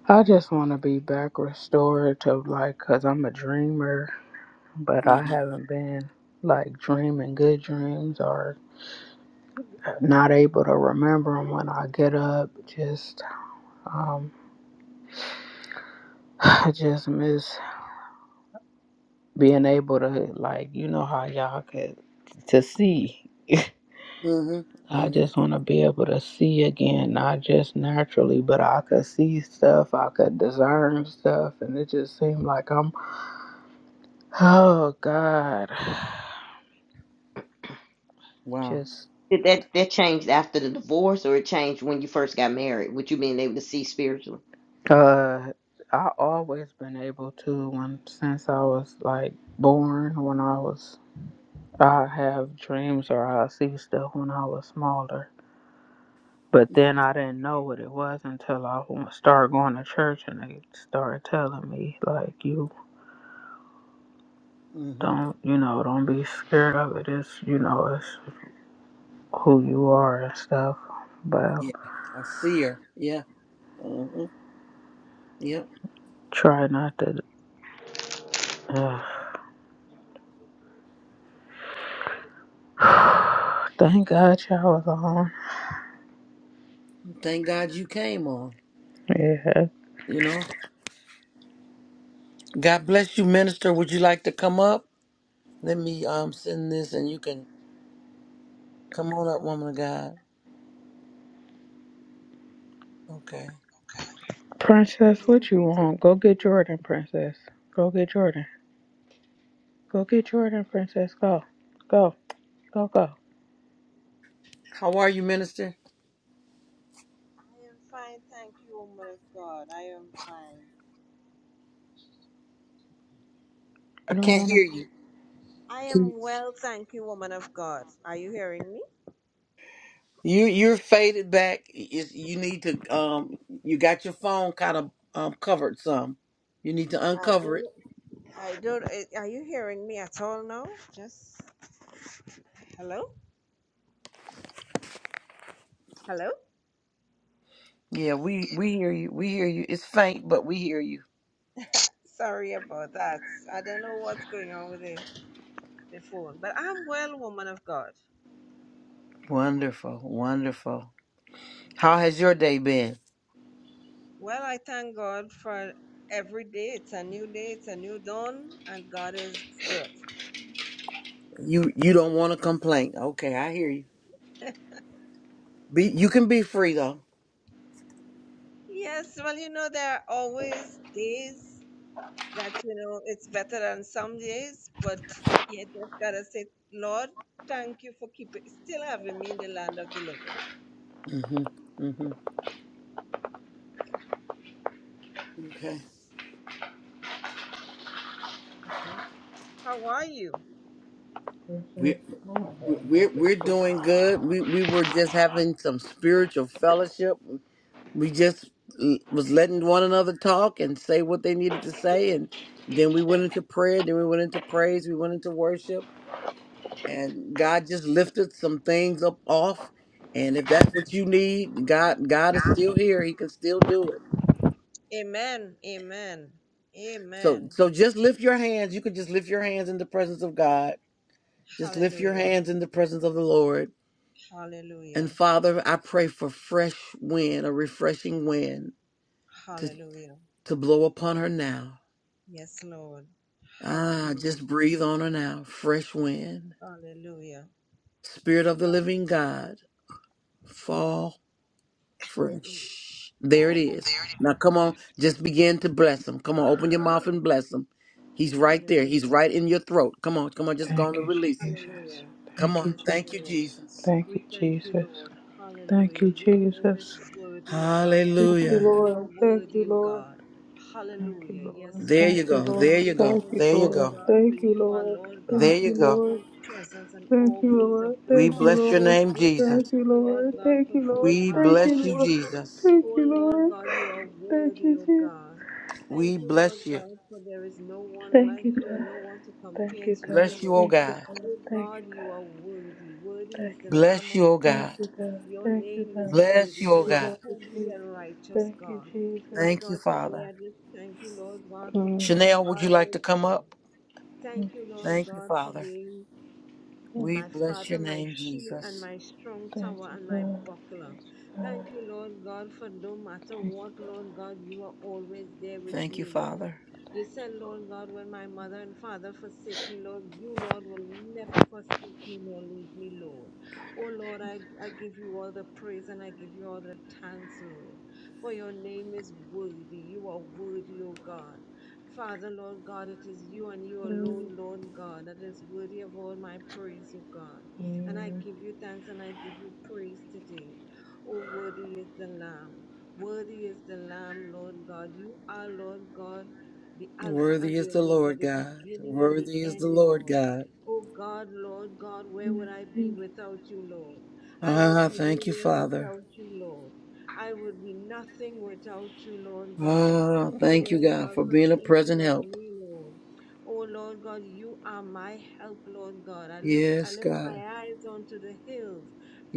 C: I just want to be back restored to like cuz I'm a dreamer but I
A: mm-hmm,
C: haven't been like dreaming good dreams or not able to remember them when I get up. Just, um, *sighs* I just miss being able to, like, you know, how y'all could to see.
A: mm-hmm,
C: I
A: mm-hmm.
C: just want to be able to see again, not just naturally, but I could see stuff, I could discern stuff, and it just seemed like I'm, oh God, *sighs*
A: wow.
C: just
B: Did that that changed after the divorce, or it changed when you first got married? What you being able to see spiritually?
C: Uh, I always been able to when since I was like born. When I was, I have dreams or I see stuff when I was smaller. But then I didn't know what it was until I w- started going to church and they started telling me like, you
A: Mm-hmm.
C: don't, you know, don't be scared of it. It's, you know, it's who you are and stuff. But
A: Yeah, I see her. Yeah. Mm-hmm. Yep.
C: try not to. Uh, *sighs* thank God y'all was on.
A: Thank God you came on.
C: Yeah.
A: You know. God bless you, minister. Would you like to come up? Let me um send this, and you can come on up, woman of God. Okay.
C: Princess,
D: Kingdom
C: what you
D: greetings,
C: want? Go get
D: everyone.
C: Jordan, Princess. Go get Jordan. Go get Jordan, Princess. Go. Go. Go, go.
A: How are you, Minister?
D: I am fine, thank you, woman of God. I am fine.
A: I
C: You don't
A: can't
C: want to.
A: hear you.
D: I
A: Can you?
D: am well, thank you, woman of God. Are you hearing me?
A: You you're faded back. You, you need to um. You got your phone kind of um covered some. You need to
D: I
A: uncover it.
D: don't. I don't. eh, Are you hearing me at all now? Just hello, hello.
A: Yeah, we we hear you. We hear you. It's faint, but we hear you.
D: Sorry about that. I don't know what's going on with the, the phone, but I'm well, woman of God.
A: Wonderful, wonderful. How has your day been?
D: Well, I thank God for every day. It's a new day. It's a new dawn, and God is good.
A: You you don't want to complain. Okay, I hear you.
D: *laughs*
A: Be you can be free though.
D: Yes, well, you know, there are always days that you know it's better on some days, but you just gotta say, Lord, thank you for keeping still having me in the land of the living.
A: Mhm. Mhm. Okay.
D: Amen. How are you?
C: Princess.
A: We
C: oh, I
A: we
C: have
A: we're
C: nothing
A: we're
C: to-
A: doing good. We we were just having some spiritual fellowship. we just l- was letting one another talk and say what they needed to say and then we went into prayer then we went into praise we went into worship and god just lifted some things up off and if that's what you need god god is still here he can still do it
D: Amen. Amen.
A: so
D: Amen.
A: so just lift your hands you can just lift your hands in the presence of god just lift your
D: Hallelujah.
A: hands in the presence of the lord
D: Hallelujah.
A: and father i pray for fresh wind a refreshing wind to
D: Hallelujah.
A: to blow upon her now
D: Yes, Lord.
A: Ah,
D: Hallelujah.
A: just breathe on her now. Fresh wind.
D: Hallelujah.
A: Spirit of the living
D: Hallelujah.
A: God. Fall
D: Hallelujah.
A: fresh. There it is. Now come on, just begin to bless him. Come on, open your mouth and bless him. He's right there. He's
D: Hallelujah.
A: right in your throat. Come on, come on, just go on
C: Thank
A: and
C: you,
A: release it.
C: Jesus.
D: Hallelujah.
A: Come
C: Thank
A: on.
C: you,
D: Yes,
A: Thank you,
D: Lord.
C: Jesus.
A: Jesus.
C: Thank you,
D: We thank you,
C: Jesus.
D: Lord.
C: Thank
D: Hallelujah.
C: you,
D: Your name is
C: Jesus.
D: worthy, O God.
C: Thank you,
A: Hallelujah.
D: You are
C: Lord. Thank you,
D: worthy, O
C: Lord.
D: God.
C: Thank you,
D: Hallelujah. Yes,
C: Lord.
A: There you
C: Thank
D: Lord.
C: you,
A: go. There
C: Lord.
A: you
D: We
A: go.
C: Thank
D: thank
C: you,
D: you,
A: There you
D: Lord
C: Lord.
A: go.
D: God, for
C: Thank you,
D: you are,
C: Lord.
D: Lord
A: There
D: God,
C: Thank
A: you
C: you,
A: go.
C: Lord.
D: always present and
C: Thank you,
D: always a
C: Lord.
D: good
A: We
C: Thank you,
D: God.
A: bless your
C: Lord.
A: name,
D: We
A: Jesus.
D: thank
C: Thank you,
D: you, Lord
C: Lord.
D: God,
C: Thank
D: for
C: you,
D: who
C: Lord.
D: you
A: We
D: are,
C: Thank
A: bless
D: Lord
C: you,
A: you,
C: Lord.
D: God.
A: Jesus.
C: Thank
D: Oh,
C: you,
D: Lord
C: Lord.
D: God, you are
C: Thank
D: worthy,
C: you,
D: O
C: Jesus.
D: God. Thank
A: We
D: you, Lord
A: bless you.
D: God, for there is no one
C: Thank
D: like
C: you,
D: you
C: God.
D: and no one to
C: Thank
D: compare
C: you,
D: to you,
C: God.
A: Bless you, oh
D: Lord.
C: Thank you,
A: God.
C: God.
D: Oh
C: Thank you,
D: God,
C: God.
D: you are worthy. Worthy is
C: Thank
D: the
C: you, God.
D: Lamb
A: Bless
D: of
A: you, oh
C: Thank
D: God.
C: you,
A: God.
C: God.
D: Your
C: Thank you,
D: name is
C: God. Thank
A: Bless
D: worthy.
A: you, oh
D: You
C: you,
D: are
A: God.
C: Lord
D: holy
C: Jesus.
D: and righteous,
C: Thank you,
D: God. My
C: Jesus.
A: Thank you,
D: God, today I
A: Father.
D: just thank you, Lord God, for
C: Mm.
D: who you
A: Chanel, would
D: are,
A: you like
D: Lord
A: to come
D: God.
A: up?
C: Thank
D: Thank you, Lord
A: Thank you,
D: God, for
A: Father.
D: being
C: you,
A: We
D: my
A: bless your
D: Father, my
A: name,
D: shield and
A: Jesus.
D: my strong
C: Thank
D: tower
C: you,
D: and my
C: God.
D: buckler.
C: Thank you, God.
D: Thank you, Lord God, for no matter
C: Thank you,
D: what,
C: God.
D: Lord God, you are always there with
A: Thank you,
D: me, Lord.
A: Father.
D: You
C: Thank
D: said,
C: you, Lord.
D: Lord God, when my mother and father forsake me, Lord, you, Lord, will never forsake me nor leave me, Lord. Oh, Lord, I, I give you all the praise and I give you all the thanks, Lord, for your name is worthy. You are worthy, oh God. Father, Lord God, it is you and you
C: Mm,
D: alone, Lord God, that is worthy of all my praise, O God. And I
C: mm,
D: give you thanks and I give you praise today. O worthy is the Lamb. Worthy is the Lamb, Lord God. You are, Lord God, the Alpha
A: Worthy
D: and
A: is
D: the
A: the
D: Omega,
A: Lord
D: the
A: God.
D: beginning and the
A: Worthy is the
D: end,
A: Lord
D: Lord.
A: God.
D: O God, Lord God, where would I be
C: mm,
D: without you, Lord? I would
A: Ah,
D: be
A: thank you,
D: nowhere
A: Father.
D: without you, Lord. I would be nothing without you, Lord God. But
A: Ah,
D: thank you,
A: thank you,
D: Lord
A: God,
D: God,
A: for
D: for
A: being a
D: thinking
A: present
D: of
A: help.
D: me, Lord. Oh Lord God, you are my help, Lord God. I look, I
A: Yes,
D: lift my
A: God.
D: eyes onto the hills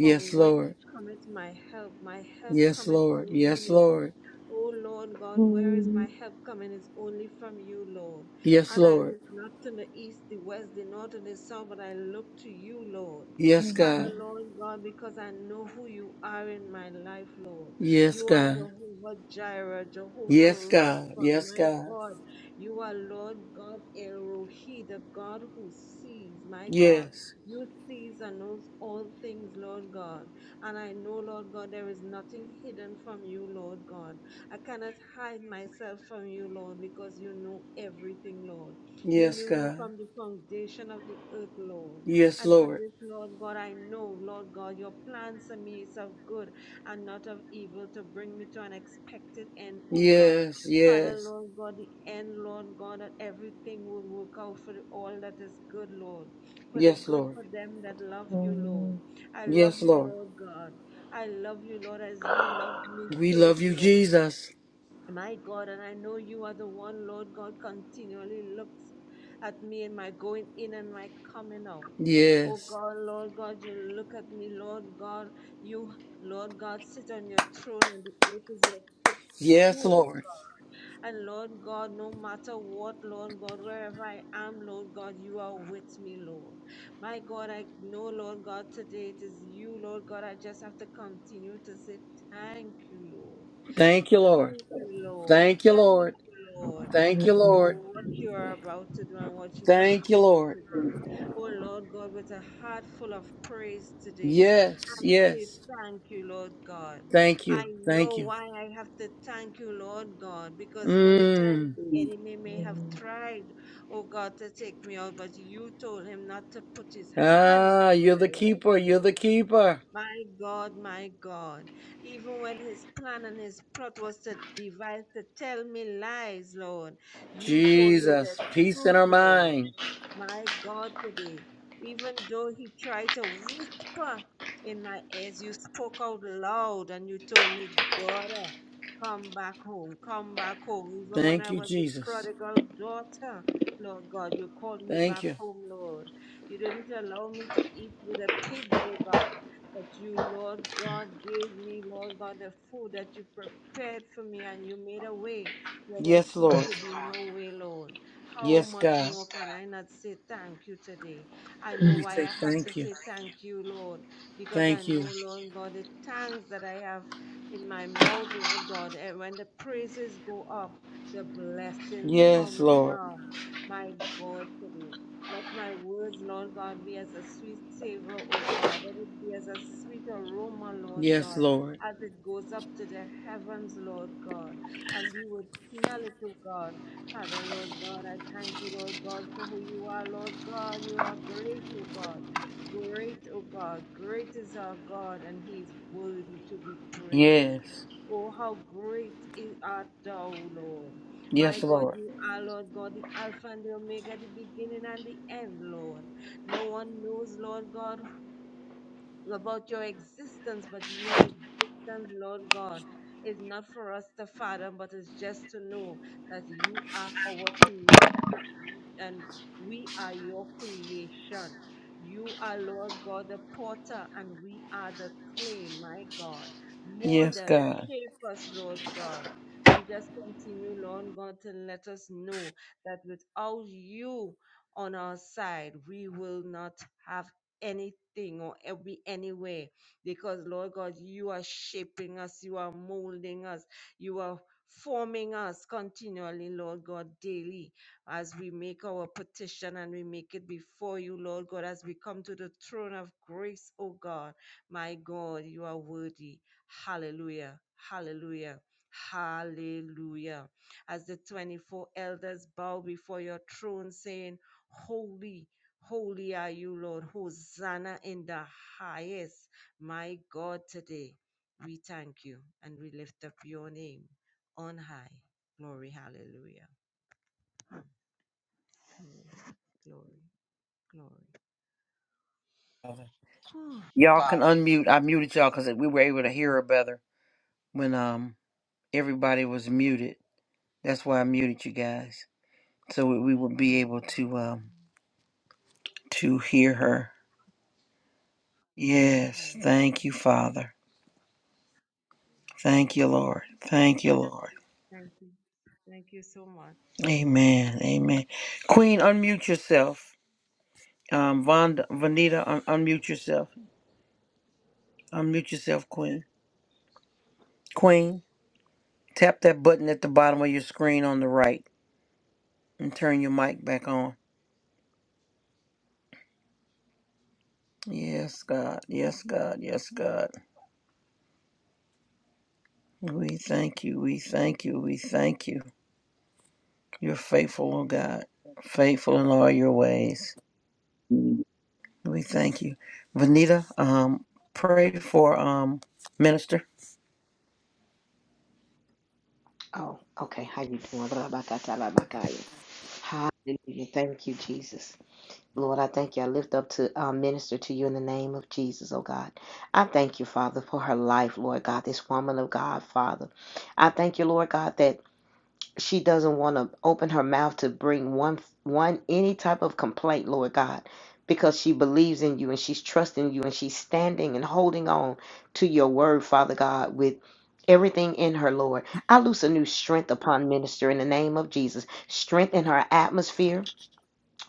D: from whence
A: Lord.
D: cometh my help. My help
A: Yes,
D: cometh from
A: Lord.
D: you,
A: Yes,
D: Lord.
A: Lord.
D: Oh Lord God, where
C: mm,
D: is my help coming? It's only from you, Lord.
A: Yes,
D: And I
A: Lord.
D: look not to the east, the west, the north, and the south, but I look to you, Lord.
A: Yes,
C: mm,
D: Father,
A: God.
D: Lord God, because I know who you are in my life, Lord.
A: Yes,
D: You are
A: God.
D: Jehovah Jireh, Jehovah
A: Yes, God.
D: Rapha,
A: Yes,
D: my
A: God.
D: God. You are Lord God Erohi, the God who sees, my God.
A: Yes.
D: You sees and knows all things, Lord God. And I know, Lord God, there is nothing hidden from you, Lord God. I cannot hide myself from you, Lord, because you know everything, Lord. You
A: Yes,
D: knew me
A: God.
D: from the foundation of the earth, Lord.
A: Yes,
D: And for
A: Lord.
D: this, Lord God, I know, Lord God, your plans for me is of good and not of evil to bring me to an expected end, O God.
A: Yes,
D: Father,
A: yes.
D: Lord God, the end, Lord God, that everything will work out for all that is good, Lord, for the
A: Yes,
D: good
A: Lord.
D: for them that love you,
C: mm.
D: Lord. I love
A: Yes,
D: you,
A: Lord.
D: Lord God. I love you, Lord, as you loved me
A: We love
D: first,
A: you,
D: Lord.
A: Jesus.
D: My God, and I know you are the one, Lord God, continually looks at me and my going in and my coming out. Oh
A: Yes.
D: God, Lord God, you look at me, Lord God. You, Lord God, sit on your throne and the earth is your
A: Yes,
D: footstool,
A: Lord.
D: God. And Lord God, no matter what, Lord God, wherever I am, Lord God, you are with me, Lord. My God, I know, Lord God, today it is you, Lord God. I just have to continue to say thank you, Lord.
A: Thank you, Lord.
D: Thank you, Lord.
A: Thank you,
D: Thank
A: Lord.
D: you, Lord,
A: Thank you,
D: for
C: Mm-mm.
A: Lord.
D: what you are about to do and what you
A: Thank you,
D: continue
A: Lord.
D: to do. Oh, Lord God, with a heart full of praise today,
A: Yes,
D: I say
A: yes.
D: thank you, Lord God.
A: Thank you.
D: I
A: Thank
D: know
A: you.
D: why I have to thank you, Lord God, because many times
A: Mm.
D: the enemy may have tried, oh God, to take me out, but you told him not to put his hands
A: Ah,
D: on
A: you're
D: my
A: the
D: life,
A: keeper. You're the
D: Lord.
A: keeper.
D: My God, my God. Even when his plan and his plot was to devise to tell me lies, Lord, you told me the
A: Jesus. Peace in
D: truth,
A: our
D: Lord.
A: mind.
D: My God, today, even though he tried to whisper in my ears, you spoke out loud and you told me, daughter, come back home, come back home. Even when
A: Thank
D: I
A: you,
D: was a
A: Jesus.
D: prodigal daughter, Lord God, you called me
A: Thank
D: back
A: you.
D: home, Lord. You didn't allow me to eat with the pigs, oh God that you, Lord God, gave me, Lord God, the food that you prepared for me and you made a way where there
A: Yes,
D: seemed
A: Lord.
D: to Yes, be God. no way, Lord. How
A: Yes,
D: much Yes,
A: God.
D: more can God. I not say thank you today? I know
A: We
D: why
A: say
D: I have to
A: thank you.
D: say Thank you. thank you, Lord, because I
A: Thank
D: know,
A: you.
D: Thank you. Lord you. God, the thanks that I have in my mouth, Lord God, and when the praises go up, the blessings
A: Yes,
D: come
A: Lord.
D: down, my God, today. Let my words, Lord God, be as a sweet savor, O God. Let it be as a sweet aroma, Lord
A: Yes,
D: God,
A: Lord.
D: as it goes up to the heavens, Lord God. And you would smell it, O God. Father, Lord God, I thank you, Lord God, for who you are, Lord God. You are great, O God. Great, O God. Great is our God, and he is worthy to be praised.
A: Yes.
D: Oh, how great is art thou, Lord. My
A: Yes,
D: God,
A: Lord.
D: you are, Lord God, the Alpha and the Omega, the beginning and the end, Lord. No one knows, Lord God, about your existence, but your existence, Lord God, is not for us to fathom, but is just to know that you are our creator and we, and we are your creation. You are, Lord God, the potter, and we are the clay, my God. Mold
A: Yes,
D: us,
A: God.
D: shape us, Lord God. And just continue, Lord God, to let us know that without you on our side, we will not have anything or e- be anywhere because Lord God, you are shaping us, you are molding us, you are forming us continually, Lord God, daily as we make our petition and we make it before you, Lord God, as we come to the throne of grace, oh God. My God, you are worthy. Hallelujah. Hallelujah. Hallelujah. As the 24 elders bow before your throne, saying, Holy Holy are you, Lord. Hosanna in the highest. My God, today we thank you and we lift up your name on high. Glory, hallelujah. Glory, glory,
A: Father.
D: Whew. *sighs*
A: Y'all can
D: Thank
A: unmute. I muted y'all because we were able to hear her better when um everybody was muted. That's why I muted you guys so we, we would be able to
D: you, Jesus.
A: um to hear her.
D: Hallelujah,
A: Yes, thank
D: hallelujah,
A: you, Father. Thank you,
D: hallelujah.
A: Lord. Thank you, Lord.
D: Thank you. Thank you so much.
A: Amen. Amen. Queen, unmute yourself. Um, Vonda, Vanita, un- unmute yourself. Unmute yourself, Queen. Queen, tap that button at the bottom of your screen on the right and turn your mic back on. Yes, God. Yes, God. Yes, God. We thank you. We thank you. We thank you. You're faithful, oh God. Faithful in all your ways. We thank you. Vanita, um, pray for um minister.
B: Oh, okay. How you doing? Blah, blah, blah, blah, blah, blah, blah. Hallelujah. Thank you, Jesus. Lord, I thank you. I lift up to uh, minister to you in the name of Jesus, oh God. I thank you, Father, for her life, Lord God, this woman of God, Father. I thank you, Lord God, that she doesn't want to open her mouth to bring one, one, any type of complaint, Lord God, because she believes in you and she's trusting you and she's standing and holding on to your word, Father God, with everything in her, Lord. I loose a new strength upon minister in the name of Jesus. Strength in her atmosphere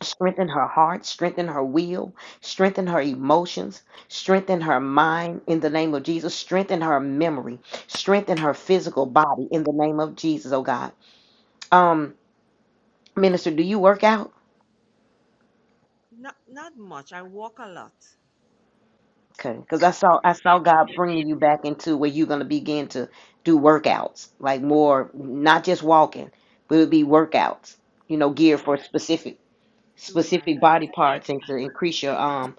B: strengthen her heart, strengthen her will, strengthen her emotions, strengthen her mind in the name of Jesus, strengthen her memory, strengthen her physical body in the name of Jesus, oh God. Um, minister, do you work out?
D: Not not much. I walk a lot.
B: Okay, because I saw I saw God bringing you back into where you're gonna begin to do workouts, like more not just walking, but it would be workouts, you know,
D: Yeah,
B: geared
D: I,
B: for specific
D: right.
B: specific
D: I,
B: body parts and to increase your um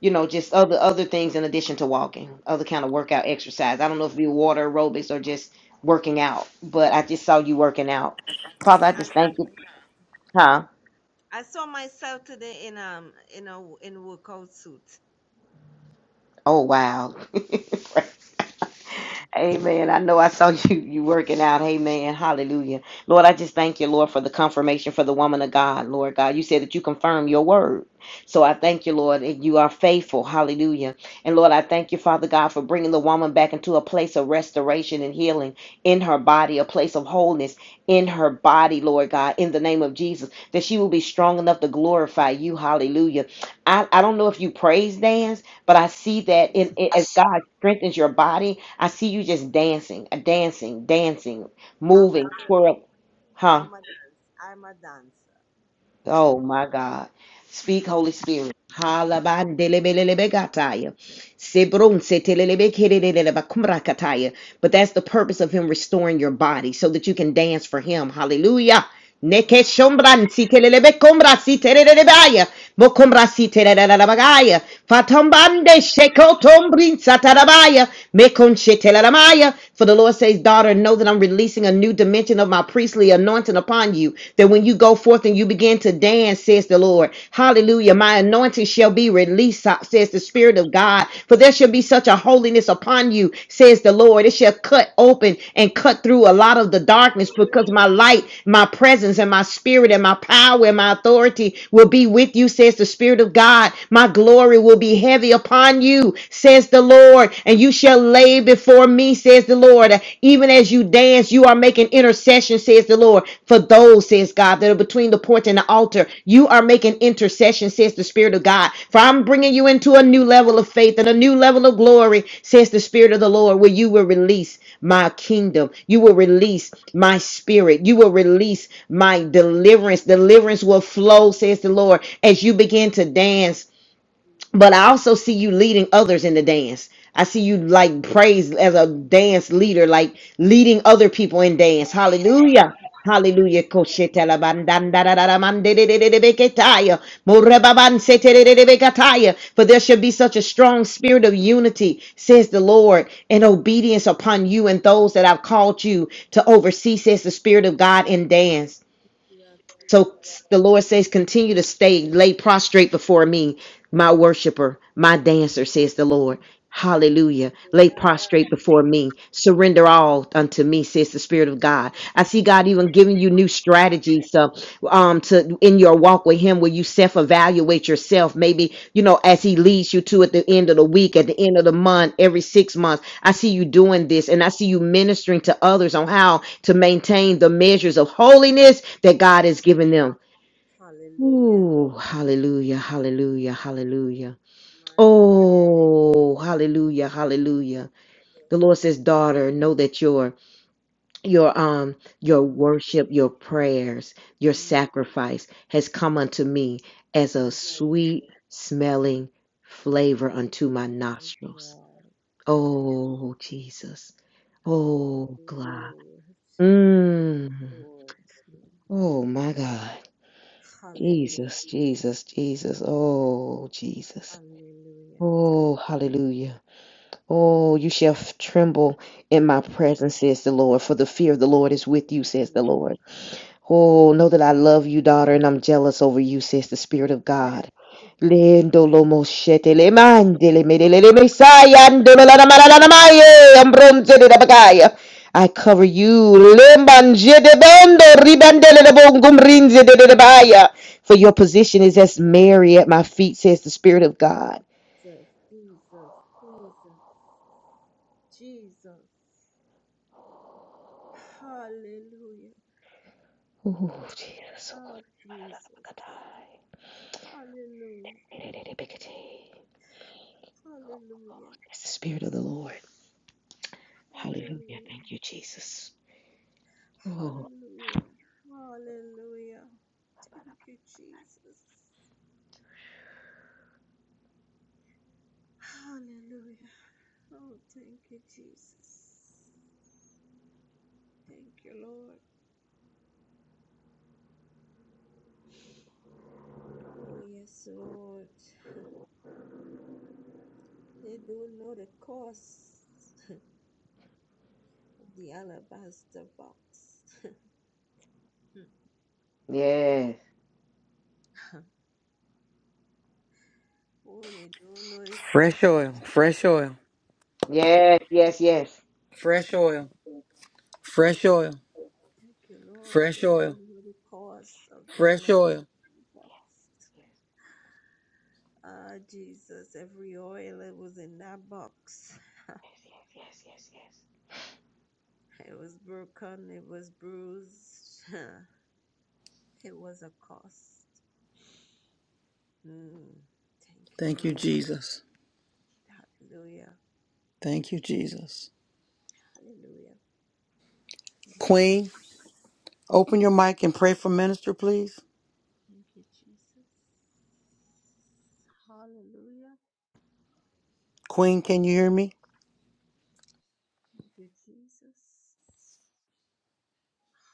B: you know, just other other things in addition to walking, other kind of workout exercise. I don't know if it be water aerobics or just working out, but I just saw you working out. Father, I
D: okay.
B: just thank you.
D: I,
B: Huh?
D: I saw myself today in um in a in workout suit.
B: Oh wow. *laughs* Amen. I know I saw *laughs* you you working out. Amen. Hallelujah. Lord, I just thank you, Lord, for the confirmation for the woman of God. Lord God, you said that you confirm your word. So I thank you, Lord, that you are faithful. Hallelujah. And Lord, I thank you, Father God, for bringing the woman back into a place of restoration and healing in her body, a place of wholeness in her body, Lord God, in the name of Jesus, that she will be strong enough to glorify you. Hallelujah. I, I don't know if you praise dance. But I see that in, in- as God strengthens your body, I see you just dancing, uh, dancing, dancing,
D: I'm a
B: moving, twirl, huh?
D: I'm a dance. I'm a dancer.
B: Oh my God. Speak, Holy Spirit. Halabandelebelelebegataya. Sebrunsetelelebekelelelebakumrakataya. But that's the purpose of him restoring your body so that you can dance for him. Hallelujah.
D: Wow.
B: Nekeshombransitelelebekumrasitelelebaya. Bokumrasitelelebagaya.
D: Mm.
B: Fatombande shekotombrinsatarabaya. Mekonchetelamaya. For the Lord says, Daughter, know that I'm releasing a new dimension of my priestly anointing upon you. That when you go forth and you begin to dance, says the Lord, Hallelujah, my anointing shall be released, says the Spirit of God. For there shall be such a holiness upon you, says the Lord. It shall cut open and cut through a lot of the darkness because my light, my presence, and my spirit, and my power, and my authority will be with you, says the Spirit of God. My glory will be heavy upon you, says says the Lord, and you shall lay before me, says the Lord. Even as you dance, you are making intercession, says the Lord, for those, says God, that are between the porch and the altar. You are making intercession, says the Spirit of God. For I'm bringing you into a new level of faith and a new level of glory, says the Spirit of the Lord, where you will release my kingdom. You will release my spirit. You will release my deliverance. Deliverance will flow, says the Lord, as you begin to dance but I also see you leading others in the dance. I see you like praise as a dance leader, like leading other people in dance. Hallelujah.
D: Mm.
B: Hallelujah. Koshetela
D: Hallelujah.
B: bandandarara mandedededebeketaya. Morebabanseterededebekataya. For there should be such a strong spirit of unity, says the Lord, and obedience upon you and those that I've called you to oversee, says the Spirit of God in dance. So the Lord says, continue to stay, lay prostrate before me, my worshiper, my dancer, says the Lord. Hallelujah. Lay prostrate before me. Surrender all unto me, says the Spirit of God. I see God even giving you new strategies. Uh, um to in your walk with him where you self-evaluate yourself maybe you know as he leads you to at the end of the week at the end of the month every six months i see you doing this and i see you ministering to others on how to maintain the measures of holiness that god has given them
D: Hallelujah. Hallelujah.
B: Ooh, hallelujah hallelujah hallelujah
D: Man,
B: oh hallelujah hallelujah the
D: yes.
B: lord says daughter know that you're your um your
D: Mm.
B: worship your prayers your
D: Mm.
B: sacrifice has come unto me as a
D: My God.
B: sweet smelling flavor unto my
D: My
B: nostrils
D: God. Thank you,
B: oh
D: Jesus.
B: jesus
D: oh,
B: oh god
D: Lord.
B: mm.
D: Lord.
B: oh my god jesus
D: Hallelujah.
B: jesus jesus oh jesus
D: Hallelujah.
B: oh hallelujah oh you shall f- tremble in my presence says the lord for the fear of the lord is with you says the lord Oh, know that I love you, daughter, and I'm jealous over you, says the Spirit of God. Lendo lo moshete le mande le mele le le
D: Hallelujah.
B: mesaya ando la la la la la maye ambronze de la bagaya. I cover you, le manje de bando ribande le bongum rinze de de de baya. For your position is as Mary at my feet, says the Spirit of God.
D: Jesus, Jesus, Jesus. Jesus! Hallelujah.
B: Ooh, Jesus. so
D: Ah,
B: good.
D: Jesus. Hallelujah. Hallelujah.
B: That's the Spirit of the Lord. Hallelujah.
D: Hallelujah.
B: Thank you, Jesus. Oh,
D: Hallelujah. Hallelujah. Thank you, Jesus. Hallelujah. Oh, thank you, Jesus. Thank you, Lord. Oh, yes, Lord. They don't know the cost. The alabaster box. *laughs*
B: yes,
D: Oh, they don't know the cost.
A: Fresh oil, fresh oil,
D: Mm.
B: yes, yes, yes,
A: fresh oil, fresh oil,
D: Thank you, Lord.
A: fresh
D: They
A: oil,
D: don't know the cost of the
A: fresh oil.
D: alabaster box. Ah, Jesus, every oil that was in that box,
B: yes, yes, yes, yes. Yes,
D: it was broken, it was bruised. *laughs* it was a cost. Mm. Thank you,
A: Thank you,
D: Lord.
A: Jesus.
D: Hallelujah.
A: Thank you, Jesus.
D: Hallelujah. Thank you, Jesus.
A: Queen. Open your mic and pray for minister, please.
D: Thank you, Jesus. Hallelujah.
A: Queen, can you hear me?
D: Thank you, Jesus.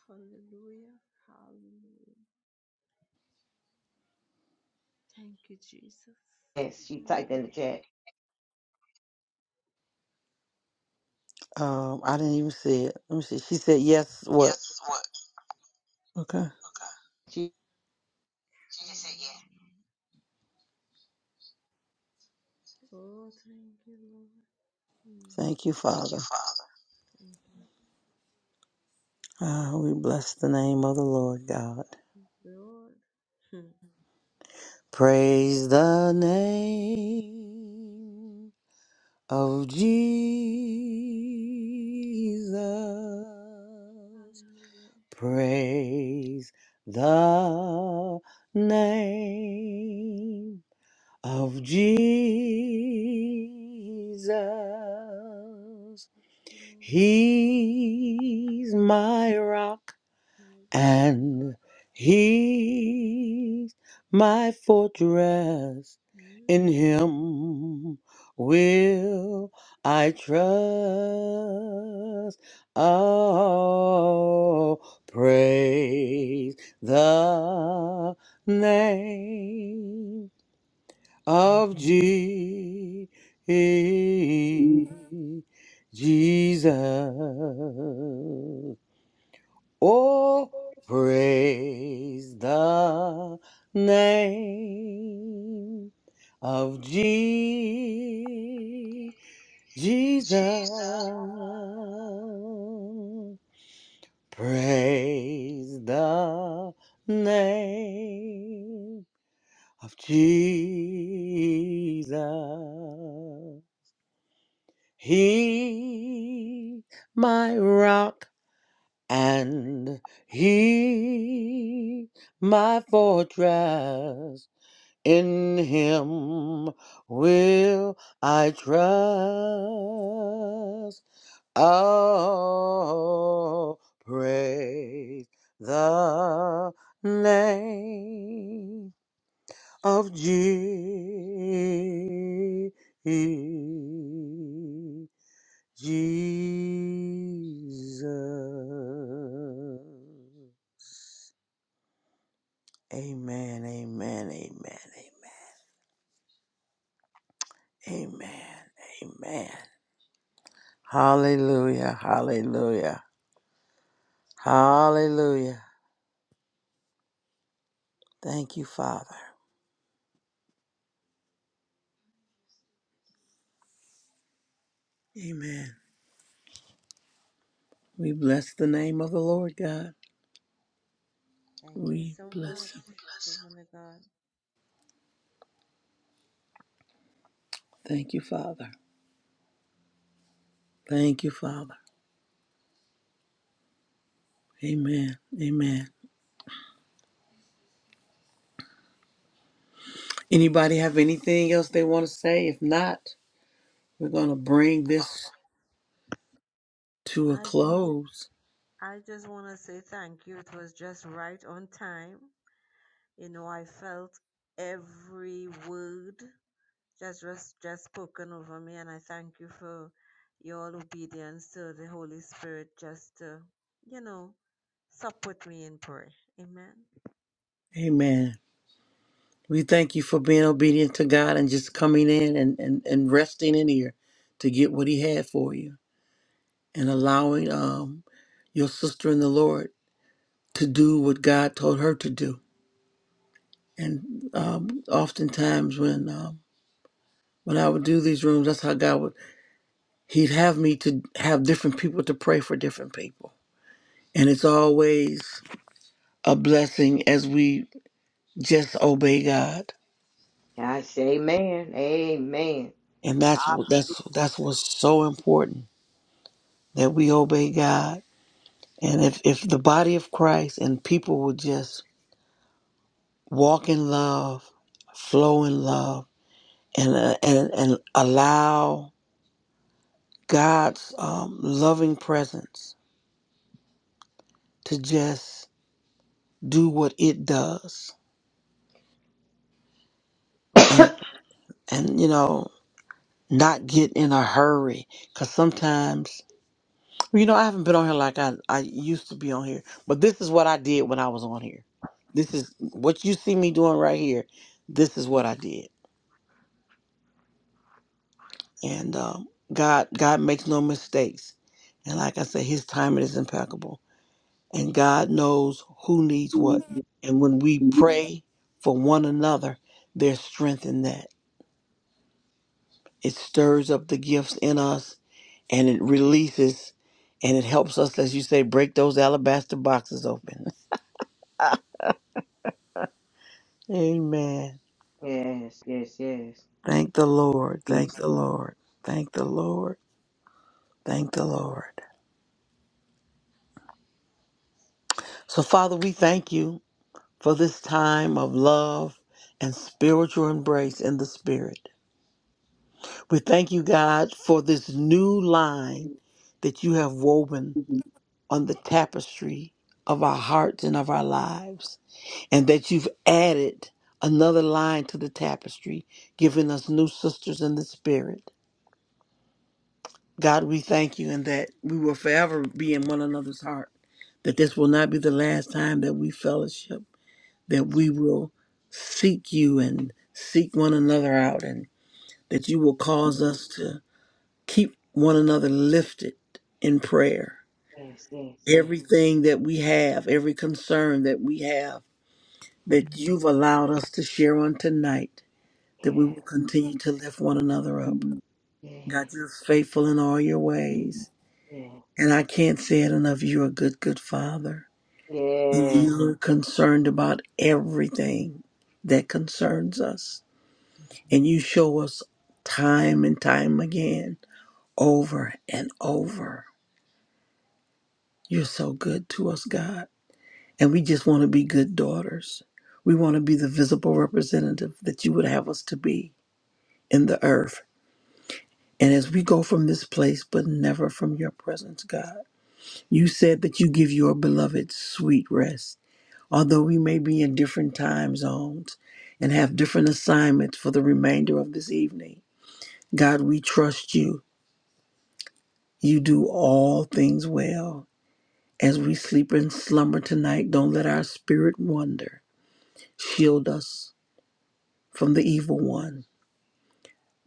D: Hallelujah. Hallelujah. Thank you, Jesus.
B: Yes, she typed in
D: Mm.
B: the chat.
A: Um, I didn't even see it. Let me see. She said yes. What?
D: Yes, what?
A: Okay.
D: Okay.
B: She,
D: She just said yeah. Oh, thank you, Lord. Mm.
A: Thank you,
D: Thank you,
A: Father.
D: Father. Thank you,
A: Ah, we bless the name of the Lord God.
D: Lord. *laughs*
A: Praise the name of Jesus. Praise the name of Jesus.
D: Hmm.
A: He's my rock
D: Hallelujah.
A: and he's my fortress. In him will I trust. Oh, praise the name of Je- Jesus. Oh, praise the name of Je-
D: Yes,
A: Jesus.
D: Lord. My God. Mm. Jesus.
A: Praise the name of Jesus. He, my rock, and he, my fortress. In him will I trust. Oh, praise the name of Je- Jesus. Amen, amen, amen, amen, amen, amen. Hallelujah, hallelujah, hallelujah. Thank you, Father. Amen. We bless the name of the Lord God.
D: Thank you
A: We
D: so
A: bless
D: much,
A: him.
D: woman of God.
A: Thank you, Father. Thank you, Father. Amen, amen. Anybody have anything else they want to say? If not, we're going to bring this to a
D: I just
A: close.
D: I just want to say thank you. It was just right on time. You know, I felt every word just was just spoken over me, and I thank you for your obedience to the Holy Spirit just to, you know, support me in prayer. Amen.
A: Amen. We thank you for being obedient to God and just coming in and, and, and resting in here to get what He had for you and allowing um, your sister in the Lord to do what God told her to do. And um, oftentimes, when um, when I would do these rooms, that's how God would He'd have me to have different people to pray for different people, and it's always a blessing as we just obey God.
B: I say, amen, amen.
A: And that's what that's that's what's so important that we obey God. And if if the body of Christ and people would just walk in love, flow in love, and uh, and and allow God's um, loving presence to just do what it does, and and you know not get in a hurry, because sometimes Well, you know, I haven't been on here like I, I used to be on here, but this is what I did when I was on here. This is what you see me doing right here. This is what I did, and um, God God makes no mistakes, and like I said, His timing is impeccable, and God knows who needs what, and when we pray for one another, there's strength in that. It stirs up the gifts in us, and it releases, and it helps us, as you say, break those alabaster boxes open. *laughs* Amen.
B: Yes, yes, yes,
A: Thank the Lord.
B: yes,
A: Thank the Lord. Thank the Lord. Thank the Lord. So, Father, we thank you for this time of love and spiritual embrace in the Spirit. We thank you, God, for this new line that you have woven on the tapestry of our hearts and of our lives, and that you've added another line to the tapestry, giving us new sisters in the Spirit. God, we thank you and that we will forever be in one another's heart, that this will not be the last time that we fellowship, that we will seek you and seek one another out, and that you will cause us to keep one another lifted in prayer.
B: yes, yes, yes,
A: Everything that we have, every concern that we have, that you've allowed us to share on tonight, that we will
B: yes,
A: continue to lift one another up. God,
B: yes,
A: you're faithful in all your ways. And I can't say it enough. You're a good, good father.
B: yes.
A: You're concerned about everything that concerns us. And you show us time and time again, over and over. You're so good to us, God. And we just want to be good daughters. We want to be the visible representative that you would have us to be in the earth. And as we go from this place, but never from your presence, God, you said that you give your beloved sweet rest. Although we may be in different time zones and have different assignments for the remainder of this evening, God, we trust you. You do all things well. As we sleep and slumber tonight, don't let our spirit wander. Shield us from the evil one.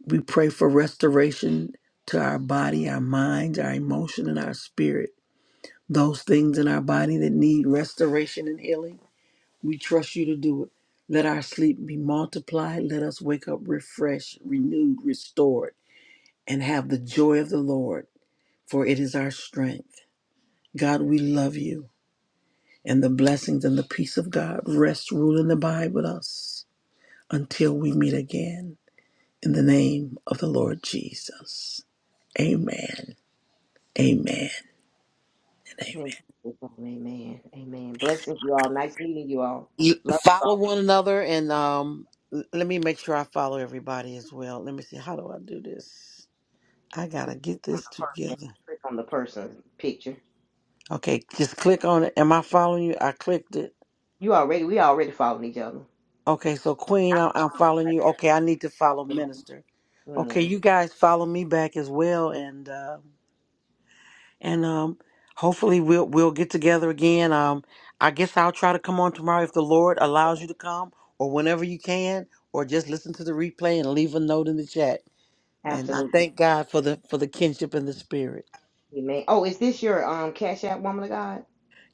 A: We pray for restoration to our body, our minds, our emotion, and our spirit. Those things in our body that need restoration and healing. We trust you to do it. Let our sleep be multiplied. Let us wake up refreshed, renewed, restored, and have the joy of the Lord, for it is our strength. God, we love you, and the blessings and the peace of God rest, rule, and abide with us until we meet again. In the name of the Lord Jesus. Amen. Amen. And amen.
B: Thank you, Father. Amen, amen. Blessings, you all. Nice meeting you all.
A: You
B: Love you
A: follow
B: all.
A: one another, and um, l- let me make sure I follow everybody as well. Let me see. How do I do this? I gotta get
B: Click on
A: this
B: the person.
A: together.
B: Click on the person's picture.
A: Okay, just click on it. Am I following you? I clicked it.
B: You already, we already following each other.
A: Okay, so Queen, I- I'm following you. Okay, I need to follow Minister. Okay,
B: Mm,
A: you guys follow me back as well, and uh, and um, hopefully we'll we'll get together again. Um, I guess I'll try to come on tomorrow if the Lord allows you to come, or whenever you can, or just listen to the replay and leave a note in the chat. And I
B: absolutely.
A: thank God for the for the kinship and the spirit.
B: Amen. Oh, is this your um Cash App woman of God?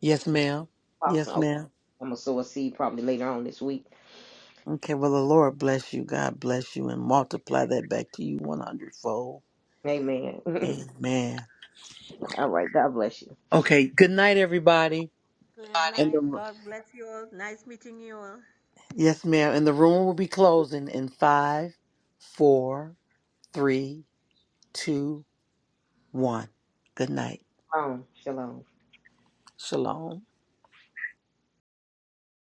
A: Yes, ma'am.
B: Pops,
A: Yes,
B: okay.
A: ma'am.
B: I'm gonna sow a seed probably later on this week.
A: Okay, well, the Lord bless you. God bless you and multiply that back to you 100 fold.
B: Amen. *laughs*
A: Amen.
B: All right. God bless you.
A: Okay, good night, everybody.
D: Good
A: And
D: night.
A: the,
D: God bless you all. Nice meeting you all.
A: yes, ma'am. And the room will be closing in five, four, three, two, one. Good night.
B: Shalom. Shalom.
A: Shalom.